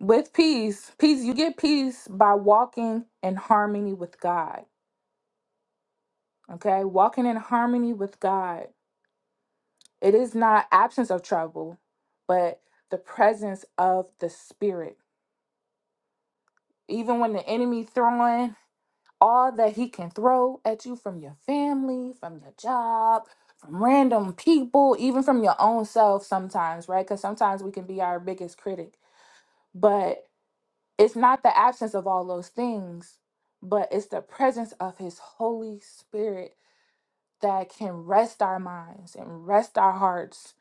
F: With peace, peace, you get peace by walking in harmony with God. Okay. Walking in harmony with God. It is not absence of trouble, but the presence of the spirit. Even when the enemy throwing all that he can throw at you from your family, from your job, from random people, even from your own self sometimes, right? Because sometimes we can be our biggest critic. But It's not the absence of all those things, but it's the presence of His Holy Spirit that can rest our minds and rest our hearts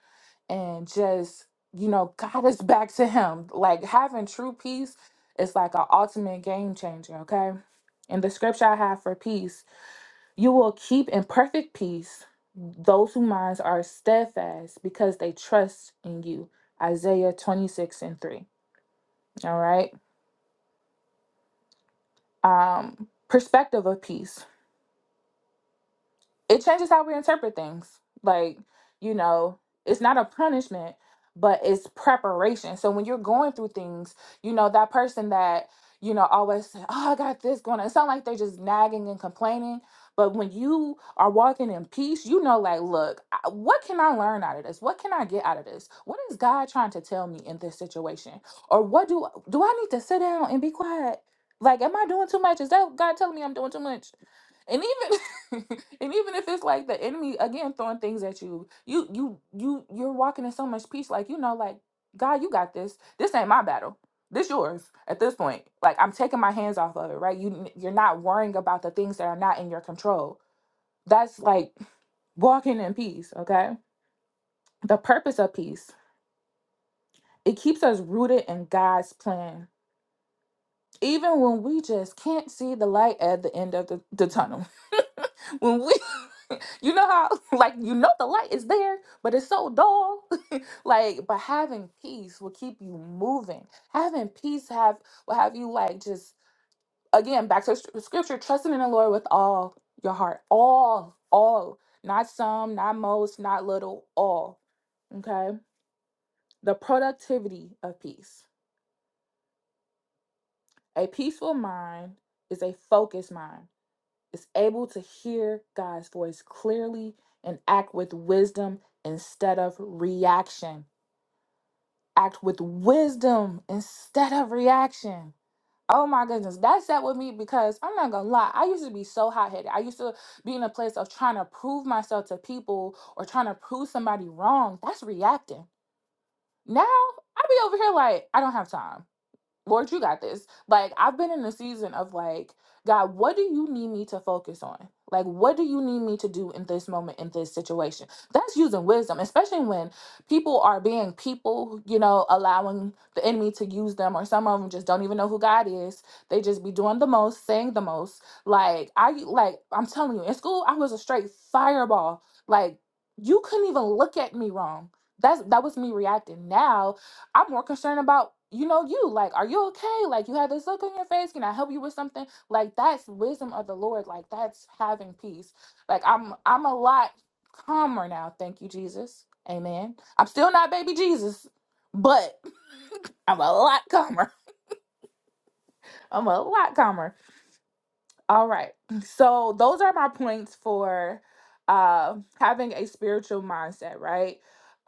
F: and just, you know, <laughs> guide us back to Him. Like having true peace is like an ultimate game changer, okay? And the scripture I have for peace, you will keep in perfect peace those whose minds are steadfast because they trust in you. Isaiah 26 and 3. All right. Um, perspective of peace. it changes how we interpret things. Like, you know, it's not a punishment, but it's preparation. So when you're going through things, you know, that person that, you know, always say, Oh, I got this going on. It sounds like they're just nagging and complaining. But when you are walking in peace, you know, like, look, I- what can I learn out of this? What can I get out of this? What is God trying to tell me in this situation? Or what do do I need to sit down and be quiet? Like, am I doing too much? Is that God telling me I'm doing too much? And even <laughs> <laughs> and even if it's like the enemy again throwing things at you, you you you you're walking in so much peace, like you know, like God, you got this. This ain't my battle. This yours at this point. Like I'm taking my hands off of it, right? You you're not worrying about the things that are not in your control. That's like walking in peace, okay? The purpose of peace. It keeps us rooted in God's plan even when we just can't see the light at the end of the, the tunnel <laughs> when we <laughs> you know how <laughs> like you know the light is there but it's so dull <laughs> like but having peace will keep you moving having peace have will have you like just again back to sc- scripture trusting in the lord with all your heart all all not some not most not little all okay the productivity of peace a peaceful mind is a focused mind is able to hear God's voice clearly and act with wisdom instead of reaction. Act with wisdom instead of reaction. Oh my goodness, that sat with me because I'm not gonna lie. I used to be so hot headed. I used to be in a place of trying to prove myself to people or trying to prove somebody wrong. That's reacting. Now I be over here like I don't have time. Lord, you got this. Like, I've been in a season of like, God, what do you need me to focus on? Like, what do you need me to do in this moment, in this situation? That's using wisdom, especially when people are being people, you know, allowing the enemy to use them, or some of them just don't even know who God is. They just be doing the most, saying the most. Like, I, like, I'm telling you, in school, I was a straight fireball. Like, you couldn't even look at me wrong. That's that was me reacting. Now I'm more concerned about, you know, you. Like, are you okay? Like, you have this look on your face. Can I help you with something? Like, that's wisdom of the Lord. Like, that's having peace. Like, I'm I'm a lot calmer now. Thank you, Jesus. Amen. I'm still not baby Jesus, but I'm a lot calmer. <laughs> I'm a lot calmer. All right. So those are my points for uh, having a spiritual mindset, right?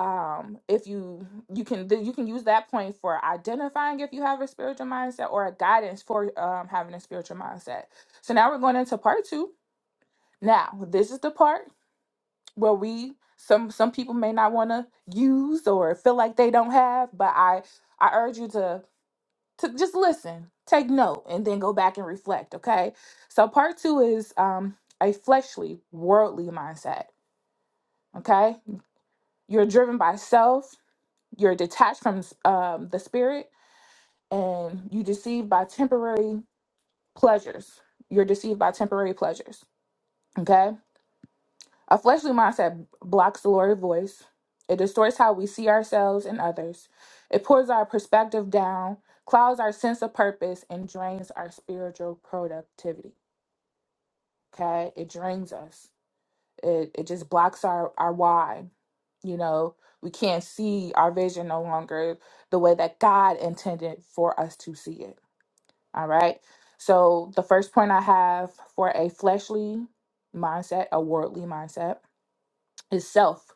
F: Um, if you you can you can use that point for identifying if you have a spiritual mindset or a guidance for um, having a spiritual mindset. So now we're going into part two. Now this is the part where we some some people may not want to use or feel like they don't have, but I I urge you to to just listen, take note, and then go back and reflect. Okay. So part two is um, a fleshly, worldly mindset. Okay. You're driven by self. You're detached from um, the spirit, and you deceived by temporary pleasures. You're deceived by temporary pleasures. Okay. A fleshly mindset blocks the Lord's voice. It distorts how we see ourselves and others. It pulls our perspective down, clouds our sense of purpose, and drains our spiritual productivity. Okay. It drains us. It it just blocks our, our why. You know, we can't see our vision no longer the way that God intended for us to see it. All right. So the first point I have for a fleshly mindset, a worldly mindset, is self.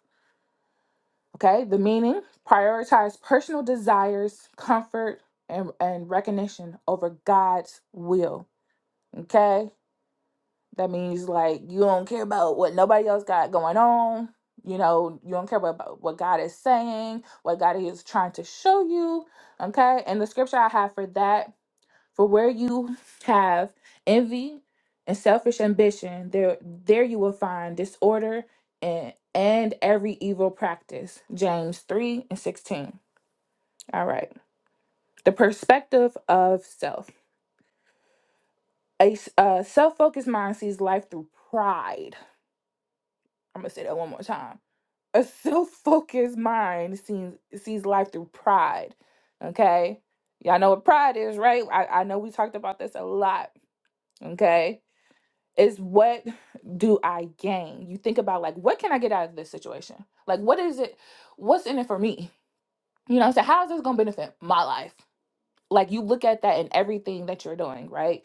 F: Okay. The meaning prioritize personal desires, comfort, and, and recognition over God's will. Okay. That means like you don't care about what nobody else got going on. You know, you don't care about what God is saying, what God is trying to show you. Okay. And the scripture I have for that, for where you have envy and selfish ambition, there there you will find disorder and and every evil practice. James 3 and 16. All right. The perspective of self. A s- uh, self-focused mind sees life through pride. I'm gonna say that one more time A self-focused mind sees sees life through pride. Okay? Y'all know what pride is, right? I, I know we talked about this a lot. Okay. It's what do I gain? You think about like what can I get out of this situation? Like what is it? What's in it for me? You know what I'm saying? How is this gonna benefit my life? Like you look at that in everything that you're doing, right?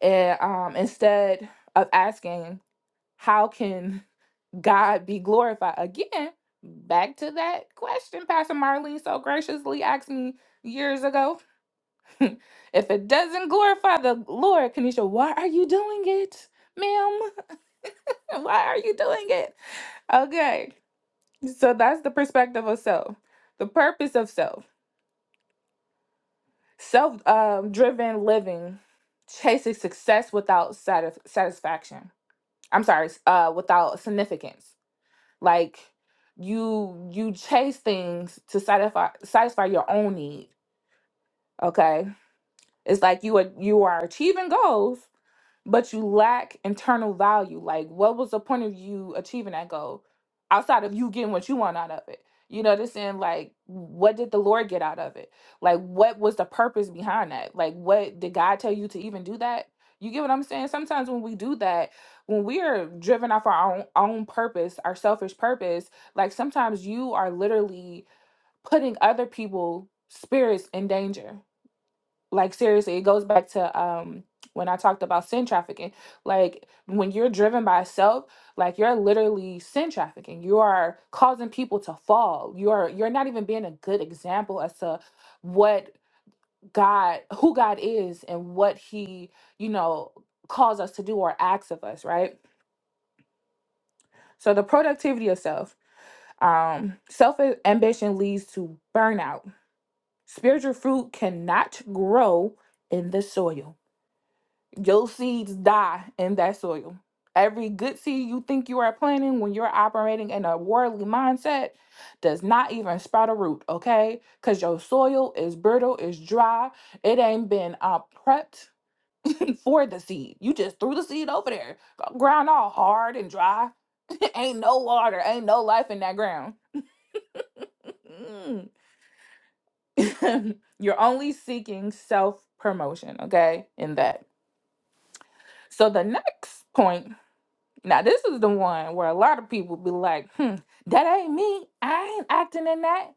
F: And um instead of asking, how can God be glorified. Again, back to that question Pastor Marlene so graciously asked me years ago. <laughs> if it doesn't glorify the Lord, Kanisha, why are you doing it, ma'am? <laughs> Why are you doing it? Okay. So that's the perspective of self, the purpose of self, self um, driven living, chasing success without satisf- satisfaction. I'm sorry, s- uh, without significance Like you you chase things to satisfy satisfy your own need. Okay. It's like you are you are achieving goals, but you lack internal value. Like, what was the point of you achieving that goal outside of you getting what you want out of it? You know what I'm saying? Like, what did the Lord get out of it? Like, what was the purpose behind that? Like, what did God tell you to even do that? You get what I'm saying? Sometimes when we do that, when we are driven off our own, own purpose, our selfish purpose, like sometimes you are literally putting other people's spirits in danger like seriously it goes back to um when i talked about sin trafficking like when you're driven by self like you're literally sin trafficking you are causing people to fall you are you're not even being a good example as to what god who god is and what he you know calls us to do or acts of us right so the productivity of self um self ambition leads to burnout spiritual fruit cannot grow in the soil Your seeds die in that soil. Every good seed you think you are planting when you're operating in a worldly mindset does not even sprout a root, okay? Because your soil is brittle, it's dry, it ain't been uh, prepped <laughs> for the seed. You just threw the seed over there. Ground all hard and dry. <laughs> ain't no water, ain't no life in that ground. Mm. <laughs> You're only seeking self promotion, okay? In that. So the next point Now this is the one where a lot of people be like, "Hmm, that ain't me. I ain't acting in that."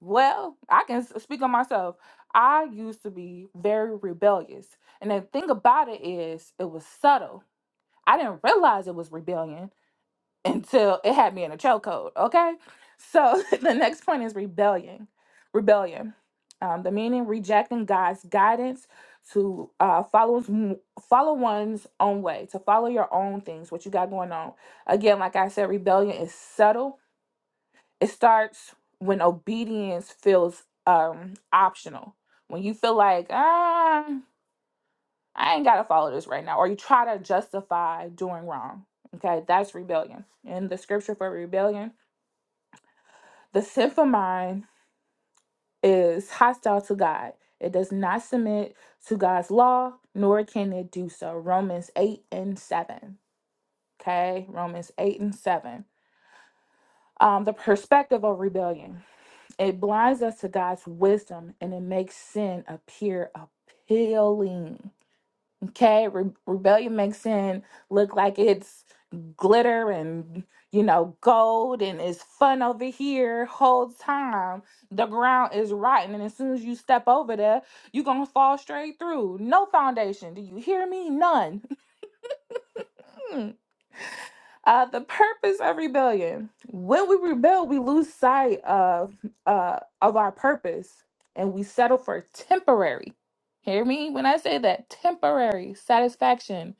F: Well, I can s- speak on myself. I used to be very rebellious, and the thing about it is, it was subtle. I didn't realize it was rebellion until it had me in a chokehold. Okay. So <laughs> the next point is rebellion. Rebellion. Um, the meaning rejecting God's guidance to uh, follow his- follow one's own way, to follow your own things, what you got going on. Again, like I said, rebellion is subtle. It starts when obedience feels um, optional. When you feel like, ah, I ain't gotta follow this right now, or you try to justify doing wrong. Okay, that's rebellion. And the scripture for rebellion The sinful mind is hostile to God. It does not submit to God's law, nor can it do so. Romans 8 and 7. Okay, Romans 8 and 7. Um, the perspective of rebellion. It blinds us to God's wisdom and it makes sin appear appealing. Okay, Re- rebellion makes sin look like it's glitter and you know gold and it's fun over here whole time the ground is rotten and as soon as you step over there you're gonna fall straight through no foundation do you hear me none mm uh the purpose of rebellion when we rebel we lose sight of uh of our purpose and we settle for temporary hear me when i say that temporary satisfaction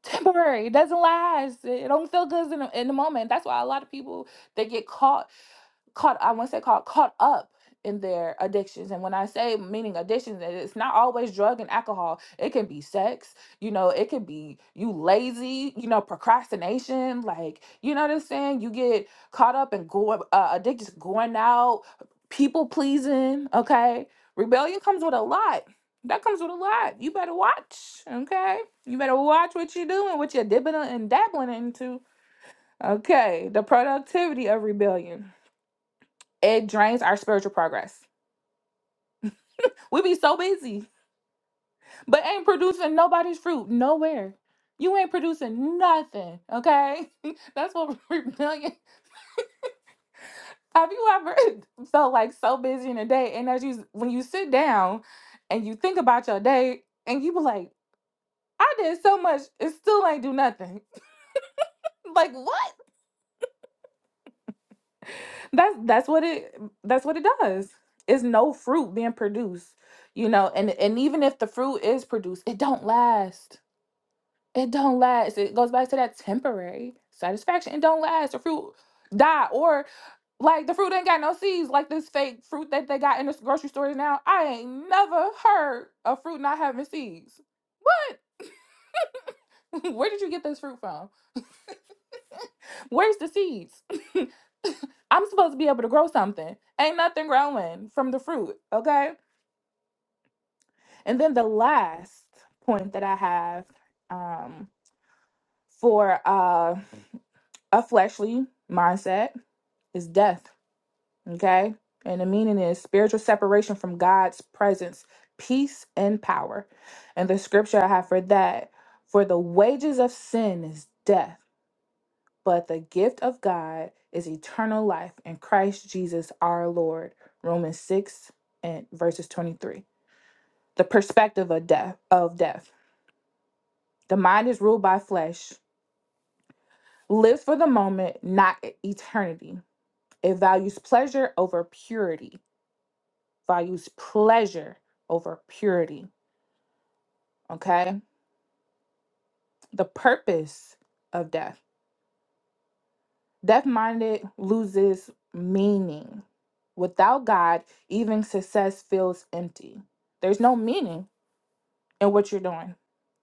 F: <laughs> temporary. It doesn't last. It don't feel good in the, in the moment. That's why a lot of people they get caught caught I want to say caught caught up in their addictions. And when I say meaning addictions, it's not always drug and alcohol. It can be sex, you know, it could be you lazy, you know, procrastination, like you know what I'm saying? You get caught up and go uh, addicted to going out, people pleasing, okay? Rebellion comes with a lot. That comes with a lot. You better watch, okay? You better watch what you're doing, what you're dipping and dabbling into. Okay, the productivity of rebellion. It drains our spiritual progress. We be so busy, but ain't producing nobody's fruit nowhere. You ain't producing nothing, okay? <laughs> That's what <laughs> rebellion. Have you ever <laughs> felt like so busy in a day, and as you when you sit down and you think about your day, and you be like, I did so much, it still ain't do nothing. <laughs> like what? That's that's what it that's what it does. It's no fruit being produced, you know. And and even if the fruit is produced, it don't last It don't last. It goes back to that temporary satisfaction. It don't last. The fruit die or like the fruit ain't got no seeds like this fake fruit that they got in the grocery stores now. I ain't never heard of fruit not having seeds. What? <laughs> Where did you get this fruit from? <laughs> Where's the seeds? <laughs> I'm supposed to be able to grow something. Ain't nothing growing from the fruit, okay? And then the last point that I have um, for uh, a fleshly mindset is death, okay? And the meaning is spiritual separation from God's presence, peace, and power. And the scripture I have for that for the wages of sin is death, but the gift of God is eternal life in Christ Jesus our Lord. Romans 6 and verses 23. The perspective of death of death. The mind is ruled by flesh, lives for the moment, not eternity It values pleasure over purity, values pleasure over purity. Okay. The purpose of death. Death minded loses meaning. Without God, even success feels empty. There's no meaning in what you're doing.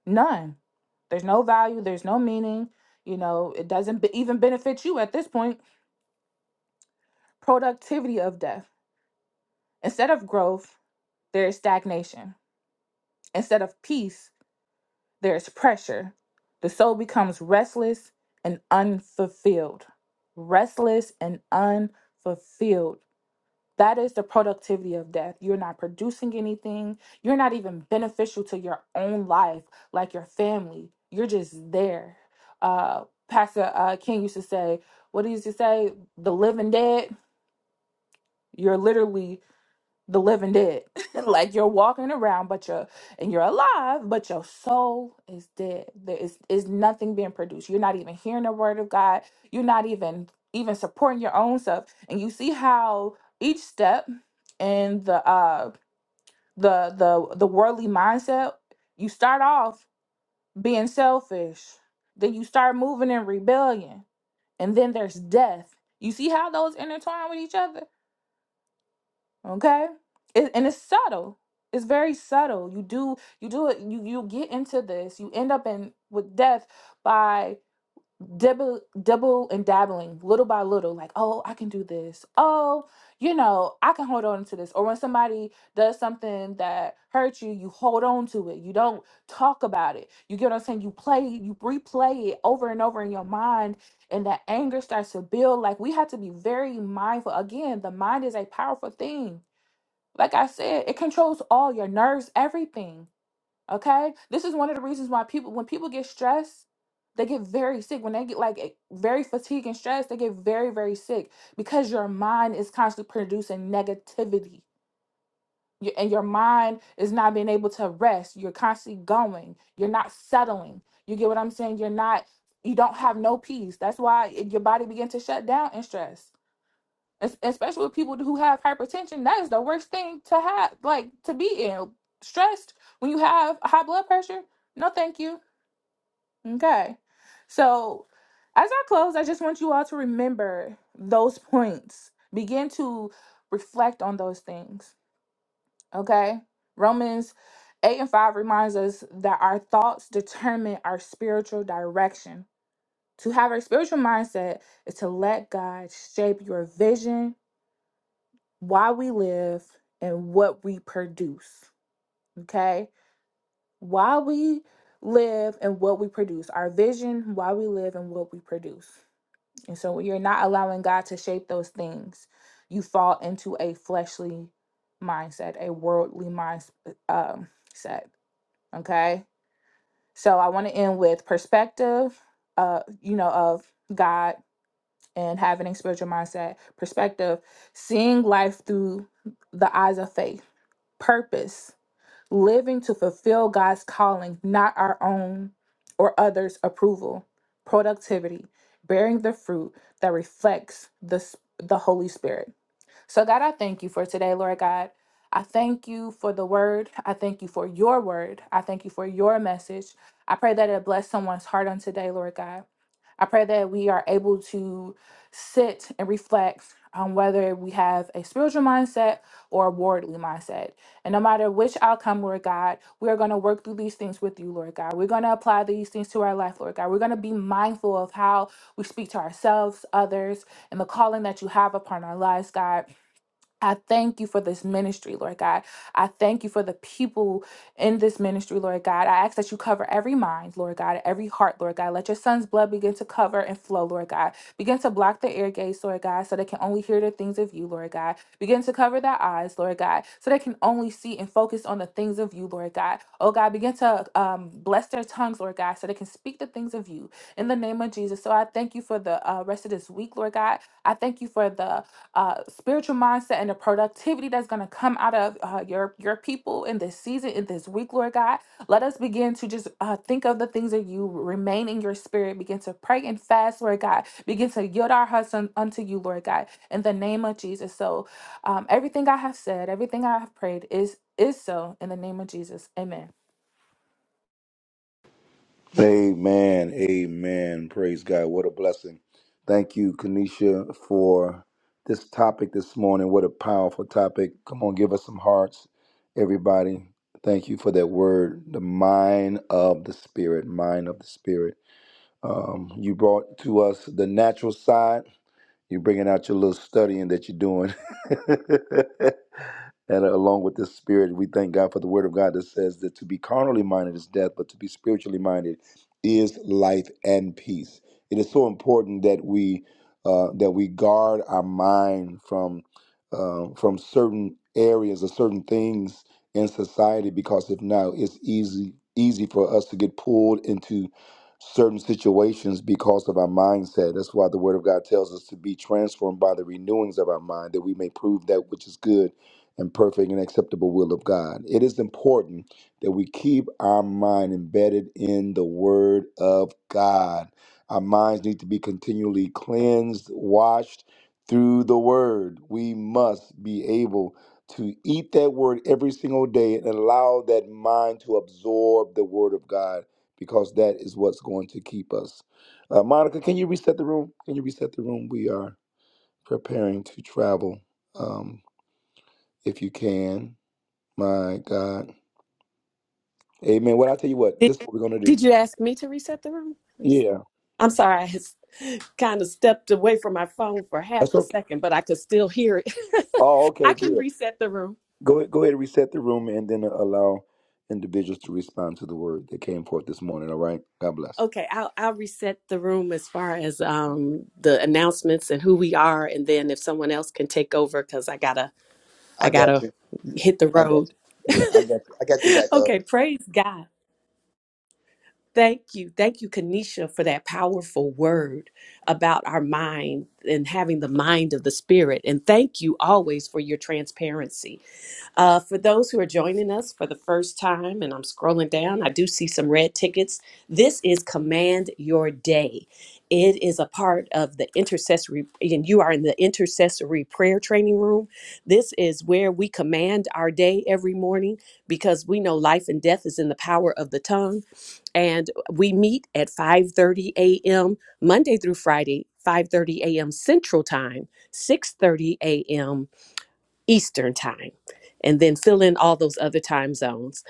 F: None. There's no value. There's no meaning. You know, it doesn't be- even benefit you at this point. Productivity of death. Instead of growth, there is stagnation. Instead of peace, There is pressure. The soul becomes restless and unfulfilled. Restless and unfulfilled. That is the productivity of death. You're not producing anything. You're not even beneficial to your own life, like your family. You're just there. Uh, Pastor uh, King used to say, What did he used to say? The living dead. You're literally the living dead. <laughs> like you're walking around, but you're and you're alive, but your soul is dead. There is is nothing being produced. You're not even hearing the word of God. You're not even even supporting your own self. And you see how each step in the uh the the the worldly mindset, you start off being selfish, then you start moving in rebellion, and then there's death. You see how those intertwine with each other? okay it, and it's subtle it's very subtle you do you do it you you get into this you end up in with death by double double and dabbling little by little like oh i can do this oh you know i can hold on to this or when somebody does something that hurts you you hold on to it you don't talk about it you get what i'm saying you play you replay it over and over in your mind and that anger starts to build like we have to be very mindful again the mind is a powerful thing like I said, it controls all your nerves, everything. Okay. This is one of the reasons why people, when people get stressed, they get very sick. When they get like eh, very fatigued and stressed, they get very, very sick because your mind is constantly producing negativity. Y- And your mind is not being able to rest. You're constantly going. You're not settling. You get what I'm saying? You're not, you don't have no peace. That's why it- your body begin to shut down in stress especially with people who have hypertension that is the worst thing to have like to be in stressed when you have high blood pressure no thank you okay so as i close i just want you all to remember those points begin to reflect on those things okay romans 8 and 5 reminds us that our thoughts determine our spiritual direction to have a spiritual mindset is to let god shape your vision why we live and what we produce. Okay? Why we live and what we produce, our vision, why we live and what we produce. And so when you're not allowing God to shape those things, you fall into a fleshly mindset, a worldly mindset. Um, set, okay? So I want to end with perspective, uh, you know, of God and having a spiritual mindset, perspective, seeing life through the eyes of faith purpose, living to fulfill God's calling, not our own or others' approval, productivity, bearing the fruit that reflects the, the Holy Spirit. So, God, I thank you for today, Lord God. I thank you for the word. I thank you for your word. I thank you for your message. I pray that it bless someone's heart on today, Lord God. I pray that we are able to sit and reflect on whether we have a spiritual mindset or a worldly mindset. And no matter which outcome, Lord God, we are going to work through these things with you, Lord God. We're going to apply these things to our life, Lord God. We're going to be mindful of how we speak to ourselves, others, and the calling that you have upon our lives, God. I thank you for this ministry, Lord God. I thank you for the people in this ministry, Lord God. I ask that you cover every mind, Lord God, every heart, Lord God. Let your son's blood begin to cover and flow, Lord God. Begin to block the ear gates, Lord God, so they can only hear the things of you, Lord God. Begin to cover their eyes, Lord God, so they can only see and focus on the things of you, Lord God. Oh God, begin to um, bless their tongues, Lord God, so they can speak the things of you in the name of Jesus. So I thank you for the uh, rest of this week, Lord God. I thank you for the uh, spiritual mindset and the productivity that's going to come out of uh, your your people in this season in this week lord god let us begin to just uh, think of the things that you remain in your spirit begin to pray and fast lord god begin to yield our hearts un- unto you lord god in the name of jesus so um, everything i have said everything i have prayed is is so in the name of jesus amen
A: Amen. Amen. Praise God. What a blessing. Thank you, Kanisha, for this topic this morning. What a powerful topic. Come on, give us some hearts, everybody. Thank you for that word, the mind of the spirit, mind of the spirit. Um, you brought to us the natural side. You're bringing out your little studying that you're doing. <laughs> And along with this spirit, we thank God for the word of God that says that to be carnally minded is death, but to be spiritually minded is life and peace. It is so important that we uh, that we guard our mind from uh, from certain areas or certain things in society, because if not, it's easy easy for us to get pulled into certain situations because of our mindset. That's why the Word of God tells us to be transformed by the renewings of our mind, that we may prove that which is good and perfect and acceptable will of God. It is important that we keep our mind embedded in the Word of God. Our minds need to be continually cleansed, washed through the Word. We must be able to eat that Word every single day and allow that mind to absorb the Word of God because that is what's going to keep us. Uh, Monica, can you reset the room? Can you reset the room? We are preparing to travel. Um, if you can. My God. Amen. Well, I tell you what,
D: Did,
A: this is what we're gonna do.
D: did you ask me to reset the room?
A: Yeah.
D: I'm sorry, I s- kind of stepped away from my phone for half
A: That's
D: a
A: okay.
D: second, but I could still hear it.
A: Oh,
D: <laughs> I
A: okay,
D: can
A: good.
D: reset the room.
A: Go ahead, go ahead and reset the room and then uh, allow individuals to respond to the word that came forth this morning. All right. God bless.
D: Okay, I'll I'll reset the room as far as um the announcements and who we are, and then if someone else can take over, because I gotta
A: I
D: I
A: got
D: gotta
A: you.
D: hit the
A: I got
D: road.
A: you. Yeah, I got you. I got your back
D: <laughs>
A: up.
D: Okay, praise God. Thank you. Thank you, Kanisha, for that powerful word about our mind and having the mind of the spirit. And thank you always for your transparency Uh, for those who are joining us for the first time, and I'm scrolling down, I do see some red tickets. This is Command Your Day. It is a part of the intercessory, and you are in the intercessory prayer training room. This is where we command our day every morning because we know life and death is in the power of the tongue. And we meet at 5:30 a.m. Monday through Friday, 5:30 a.m. Central Time, 6:30 a.m. Eastern time, and then fill in all those other time zones.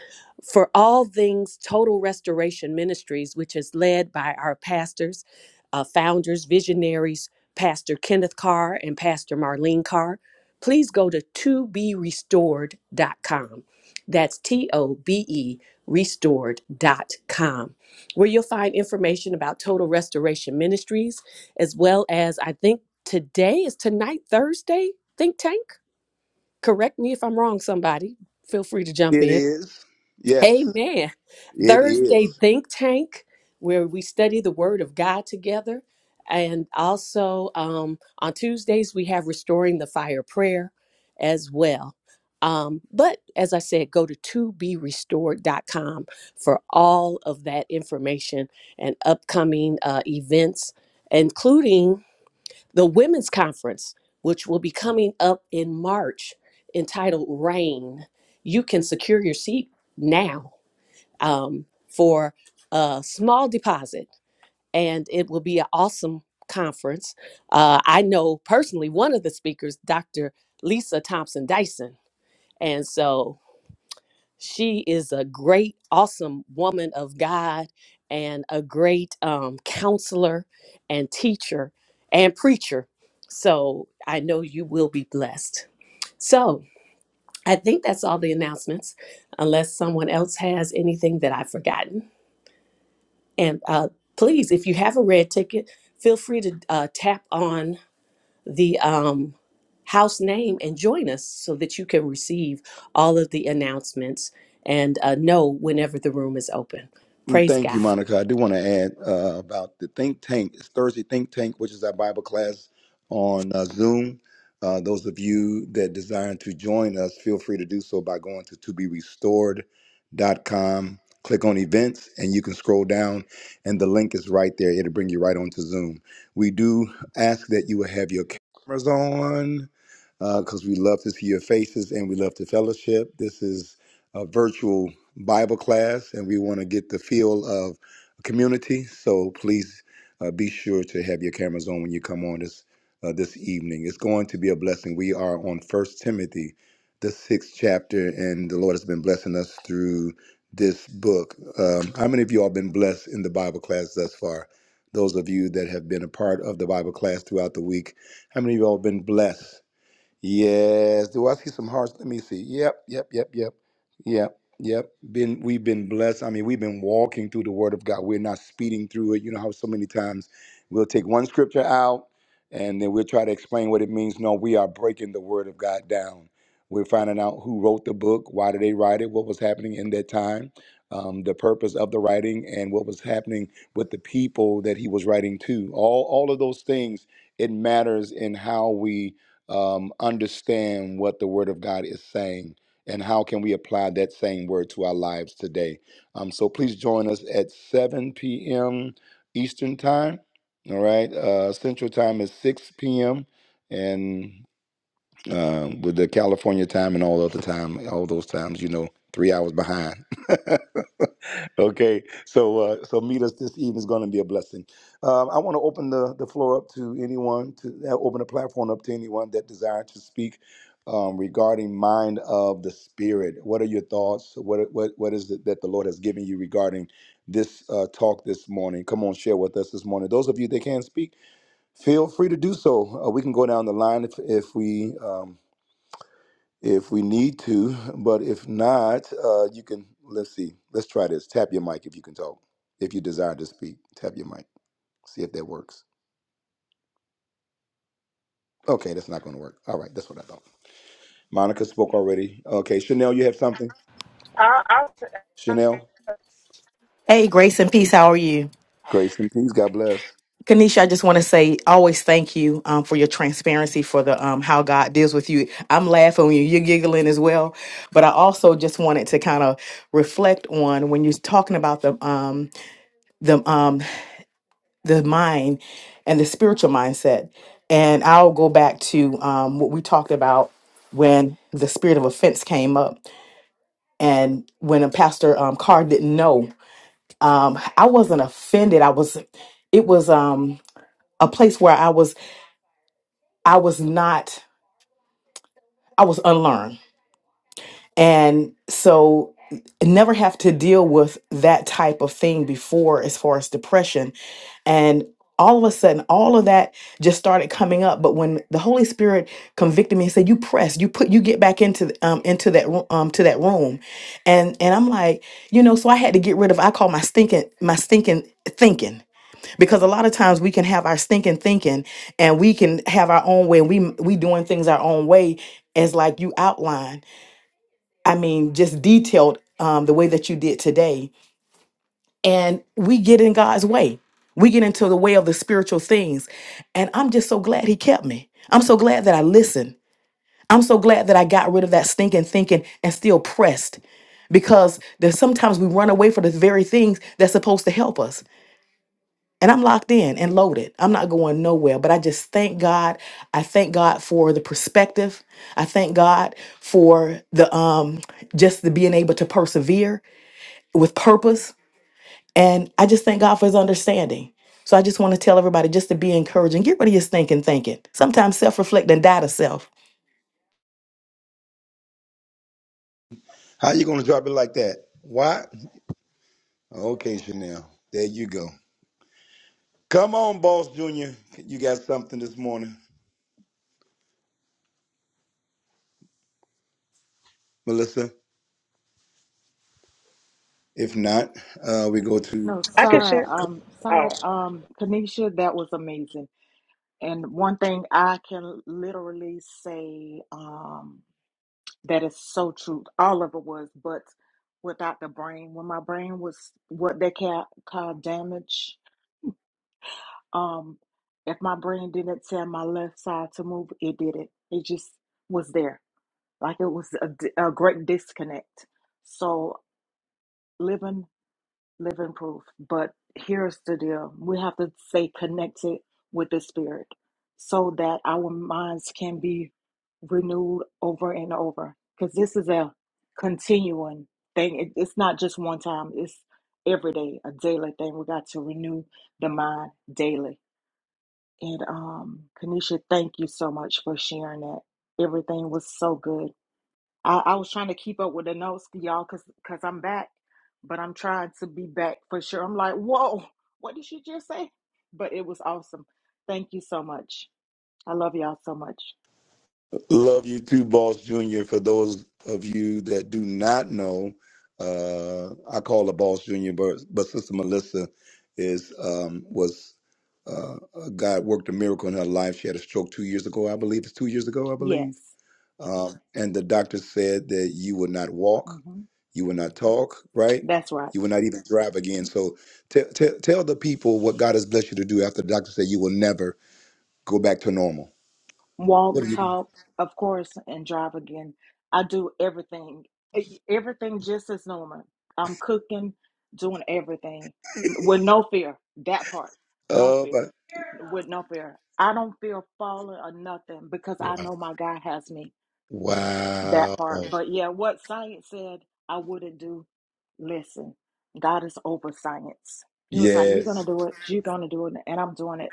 D: For all things Total Restoration Ministries, which is led by our pastors, uh, founders, visionaries, Pastor Kenneth Carr and Pastor Marlene Carr, please go to to be restored dot com. That's T O B E restored dot com, where you'll find information about Total Restoration Ministries, as well as I think today is tonight, Thursday, Think Tank Correct me if I'm wrong, somebody. Feel free to jump
A: It
D: in.
A: is. Yes,
D: Amen.
A: it
D: Thursday
A: is.
D: Think Tank, where we study the Word of God together. And also um, on Tuesdays, we have Restoring the Fire Prayer as well. Um, but as I said, go to to be restored dot com for all of that information and upcoming uh, events, including the women's conference, which will be coming up in March, entitled Rain. You can secure your seat now um, for a small deposit, and it will be an awesome conference. Uh, I know personally one of the speakers, Dr. Lisa Thompson Dyson. And so she is a great, awesome woman of God and a great um, counselor and teacher and preacher. So I know you will be blessed. So I think that's all the announcements, unless someone else has anything that I've forgotten. And uh, please, if you have a red ticket, feel free to uh, tap on the um, house name and join us so that you can receive all of the announcements and uh, know whenever the room is open.
A: Mm,
D: Praise
A: Thank you,
D: God.
A: Monica. I do want to add uh, about the think tank. It's Thursday Think Tank, which is our Bible class on uh, Zoom. Uh, those of you that desire to join us, feel free to do so by going to to be restored. dot com. Click on events.
J: I, I,
E: Hey, Grace and Peace, how are you? Kanisha, I just want to say, always thank you um, for your transparency for the um, how God deals with you. I'm laughing when you, you're giggling as well, but I also just wanted to kind of reflect on when you're talking about the um, the um, the mind and the spiritual mindset, and I'll go back to um, what we talked about when the spirit of offense came up, and when a pastor um, Carr didn't know, um, I wasn't offended. I was, it was um, a place where I was. I was not, I was unlearned. And so never have to deal with that type of thing before as far as depression. And all of a sudden, all of that just started coming up. But when the Holy Spirit convicted me and said, "You press, you put, you get back into the- um into that ro- um to that room," and and I'm like, you know, so I had to get rid of. I call my stinking my stinking thinking because a lot of times we can have our stinking thinking and we can have our own way we we doing things our own way as like you outlined i mean just detailed um, the way that you did today and we get in god's way we get into the way of the spiritual things and i'm just so glad he kept me i'm so glad that i listened i'm so glad that i got rid of that stinking thinking and still pressed because there's sometimes we run away from the very things that's supposed to help us and I'm locked in and loaded. I'm not going nowhere, but I just thank God. I thank God for the perspective. I thank God for the um just the being able to persevere with purpose and I just thank God for his understanding. So I just want to tell everybody just to be encouraging. Get rid of your thinking thinking. Sometimes self-reflect and die to self.
I: No,
J: I can
I: sorry.
J: share.
I: Um,
J: Oh,
I: sorry. Um, Kanisha, that was amazing. And one thing I can literally say, um. That is so true. All of it was, but without the brain, when my brain was what they ca- call damage, um, if my brain didn't tell my left side to move, it did it. It just was there, like it was a, di- a great disconnect. So living living proof. But here's the deal we have to stay connected with the Spirit so that our minds can be renewed over and over. Because this is a continuing thing, It- it's not just one time, it's every day, a daily thing. We got to renew the mind daily. And um, Kanisha, thank you so much for sharing that. Everything was so good I, I was trying to keep up with the notes, y'all, cause cause I'm back, but I'm trying to be back for sure. I'm like, whoa, what did she just say? But it was awesome. Thank you so much. I love y'all so much. Yes, hmm that's right. walk, talk, of course, and drive again. I do everything, e- everything just as normal. I'm cooking, doing everything with no fear. That part, no fear, with no fear. I don't feel falling or nothing because I know my God has me. That part, but yeah, what science said I wouldn't do. Listen, God is over science. He was like, "You're gonna do it. You're gonna do it," and I'm doing it.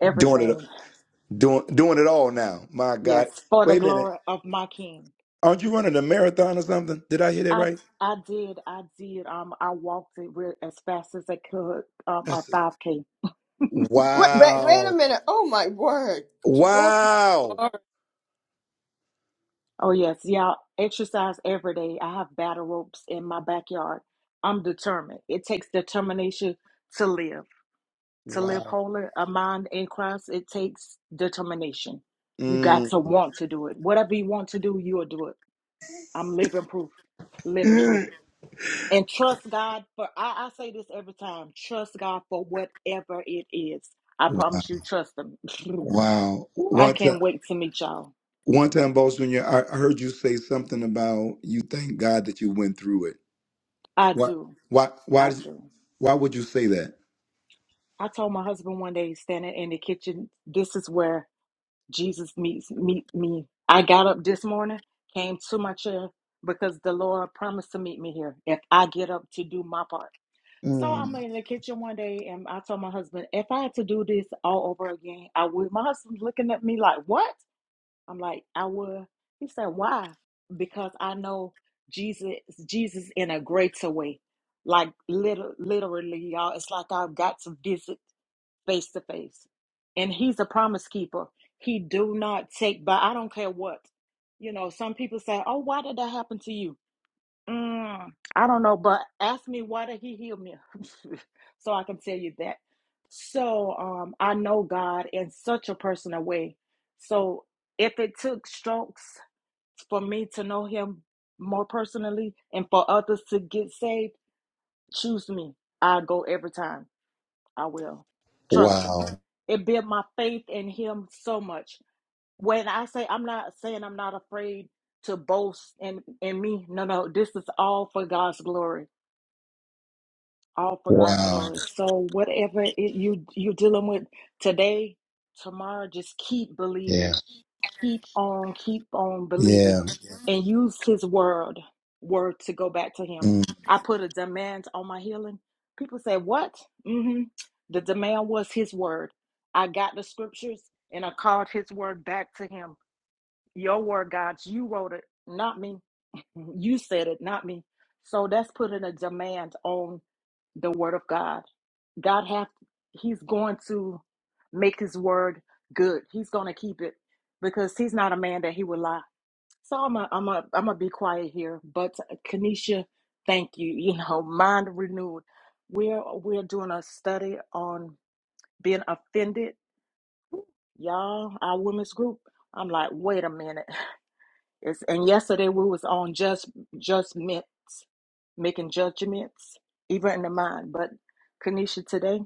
I: Everything, yes, for the glory of my King.
A: Aren't you
I: I
A: right,
I: I did, I did. Um, I walked it re- as fast as I could. Um, a five k.
B: Wait, wait, wait a minute. Oh my word. To God.
I: Oh yes, yeah. Exercise every day. I have battle ropes in my backyard. I'm determined. It takes determination to live, to live holy, a mind in Christ. It takes determination. You got to want to do it. Whatever you want to do, you'll do it. I'm living proof. Living proof. And trust God for, I, I say this every time trust God for whatever it is. I promise you, trust Him. <laughs> Ooh, I can't wait to meet y'all. I do. I do. I told my husband one day, standing in the kitchen, this is where Jesus meets meet me. I got up this morning, came to my chair because the Lord promised to meet me here if I get up to do my part. So I'm in the kitchen one day and I told my husband, if I had to do this all over again, I would. My husband's looking at me like, what? I'm like, I will. He said, Why? Because I know Jesus, Jesus in a greater way. Like liter literally, y'all, it's like I've got to visit face to face. And he's a promise keeper. He do not take by I don't care what. You know, some people say, Oh, why did that happen to you? Mm, I don't know, but ask me why did he heal me? <laughs> so I can tell you that. So um I know God in such a personal way. So if it took strokes for me to know him more personally and for others to get saved, choose me. I go every time. I will. Trust him. It built my faith in him so much. When I say I'm not saying I'm not afraid to boast in, in me. No, no, this is all for God's glory all for God's glory. So whatever it, you you're dealing with today, tomorrow, just keep believing. Keep on, keep on believing, and use His word word to go back to Him. I put a demand on my healing. People say, "What?" hmm The demand was His word. I got the scriptures and I called His word back to Him. Your word, God, you wrote it, not me. Mm-hmm. You said it, not me. So that's putting a demand on the word of God. God have he's going to make his word good. He's going to keep it because he's not a man that he would lie. So I'm a, I'm a, I'm gonna be quiet here, but Kanisha, thank you. You know, mind renewed. We're we're doing a study on being offended, y'all. Our women's group. I'm like, wait a minute. <laughs> It's, and yesterday we was on just judgments, making judgments, even in the mind. But Kanisha, today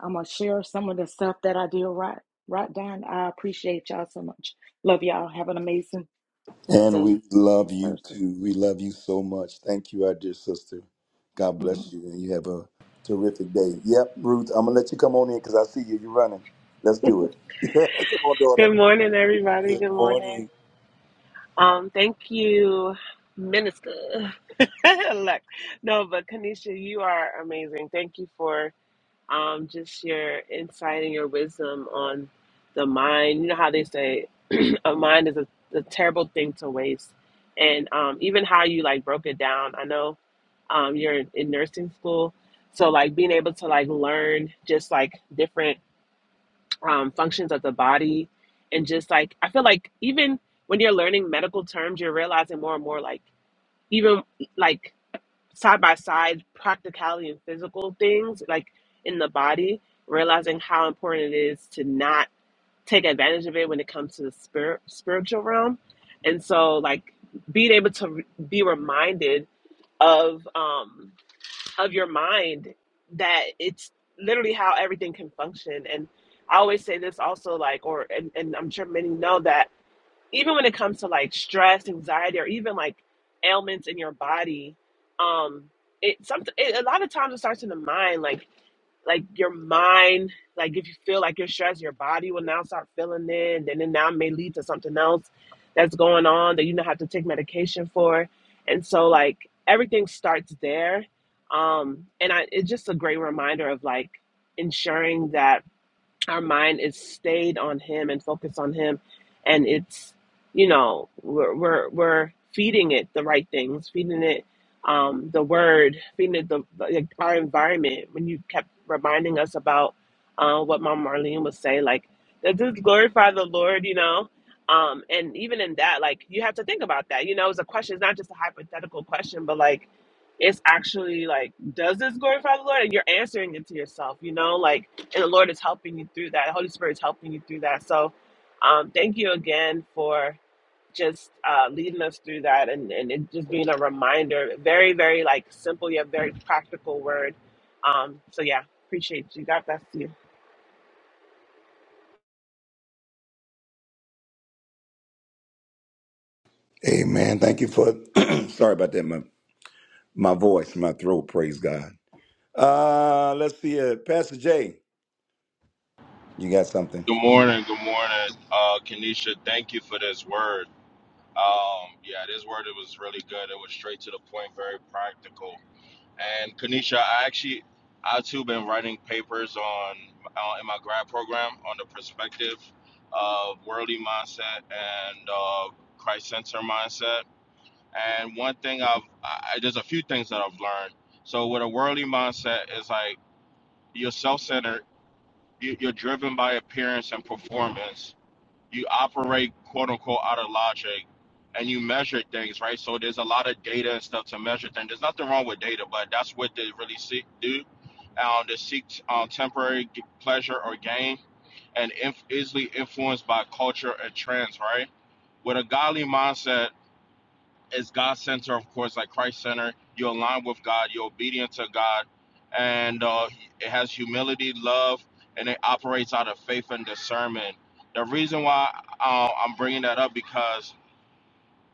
I: I'm gonna share some of the stuff that I did right. Right, Don. I appreciate y'all so much. Love y'all. Have an amazing day. It's Thursday.
A: dear sister? God
I: hmm
A: bless you, and you have a terrific day. Yep, Ruth, I'm going to let you come on in because I see you. You're running. Let's do it. <laughs> come on, daughter.
J: good morning, everybody.
A: Good
J: Good morning.
A: morning.
J: Um, thank you, Minister. <laughs> Elect. no, but Kanisha, you are amazing. Thank you for um just your insight and your wisdom on the mind. You know how they say <clears throat> a mind is a, a terrible thing to waste, and um even how you like broke it down. I know um you're in nursing school, so like being able to like learn just like different um, functions of the body and just like i feel like even when you're learning medical terms you're realizing more and more like even like side by side practicality and physical things like in the body realizing how important it is to not take advantage of it when it comes to the spirit spiritual realm and so like being able to re- be reminded of um of your mind that it's literally how everything can function. And I always say this also, like, or, and, and I'm sure many know that even when it comes to like stress, anxiety, or even like ailments in your body, um, it something it, a lot of times it starts in the mind. Like like your mind, like if you feel like you're stressed, your body will now start feeling it, and then it now may lead to something else that's going on that you don't have to take medication for. And so like everything starts there. Um, and I, it's just a great reminder of like ensuring that our mind is stayed on him and focused on him and it's you know we're we're, we're feeding it the right things feeding it um, the word feeding it the like our environment when you kept reminding us about uh, what mom marlene would say like does this glorify the lord you know um, and even in that like you have to think about that you know it's a question it's not just a hypothetical question but like it's actually like does this glorify the lord and you're answering it to yourself you know like and the Lord is helping you through that. The Holy Spirit is helping you through that. So, um, thank you again for just uh, leading us through that and, and it just being a reminder. Very, very like simple yet very practical word. Um, so yeah, appreciate you. God bless you.
A: Amen. Thank you for, <clears throat> sorry about that, my, my voice, my throat, praise God. Uh, let's see it. Pastor Jay, you got something
K: Good morning, good morning, uh, Kenisha. Thank you for this word. Um, yeah, this word it was really good. It was straight to the point, very practical. And Kenisha, I actually, I too been writing papers on uh, in my grad program on the perspective of worldly mindset and uh, Christ-centered mindset. And one thing I've, I, I- there's a few things that I've learned. So with a worldly mindset, is like you're self-centered. you- You're driven by appearance and performance you operate quote unquote out of logic and you measure things, right? So there's a lot of data and stuff to measure things. There's nothing wrong with data, but that's what they really seek do. Um, they seek um, temporary pleasure or gain and inf- easily influenced by culture and trends, right? With a godly mindset, is God center, of course, like Christ center. You align with God, you're obedient to God, and uh, it has humility, love, and it operates out of faith and discernment. The reason why uh, I'm bringing that up because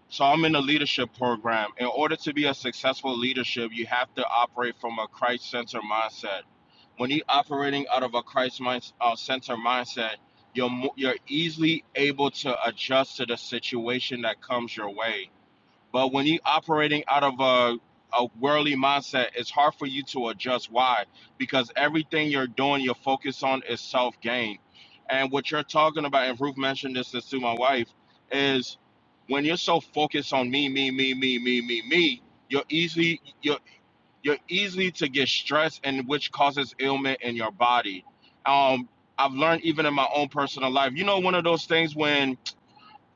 K: so I'm in a leadership program. In order to be a successful leadership, you have to operate from a Christ center mindset. When you're operating out of a Christ mind, uh, center mindset, you're, mo- you're easily able to adjust to the situation that comes your way but when you're operating out of a, a worldly mindset, it's hard for you to adjust. Why? Because everything you're doing, your focus on is self gain. And what you're talking about, and Ruth mentioned this to my wife, is when you're so focused on me, me, me, me, me, me, me, you're easily you're you're easily to get stressed, and which causes ailment in your body. Um, I've learned even in my own personal life. You know, one of those things when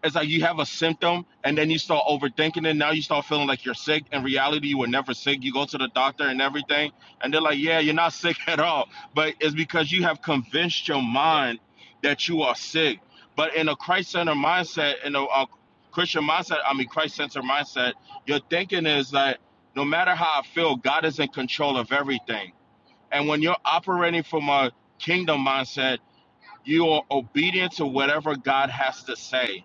K: it's like you have a symptom and then you start overthinking it. Now you start feeling like you're sick. In reality, you were never sick. You go to the doctor and everything, and they're like, yeah, you're not <laughs> sick at all. But it's because you have convinced your mind that you are sick. But in a Christ centered mindset, in a, a Christian mindset, I mean, Christ centered mindset, your thinking is that no matter how I feel, God is in control of everything. And when you're operating from a kingdom mindset, you are obedient to whatever God has to say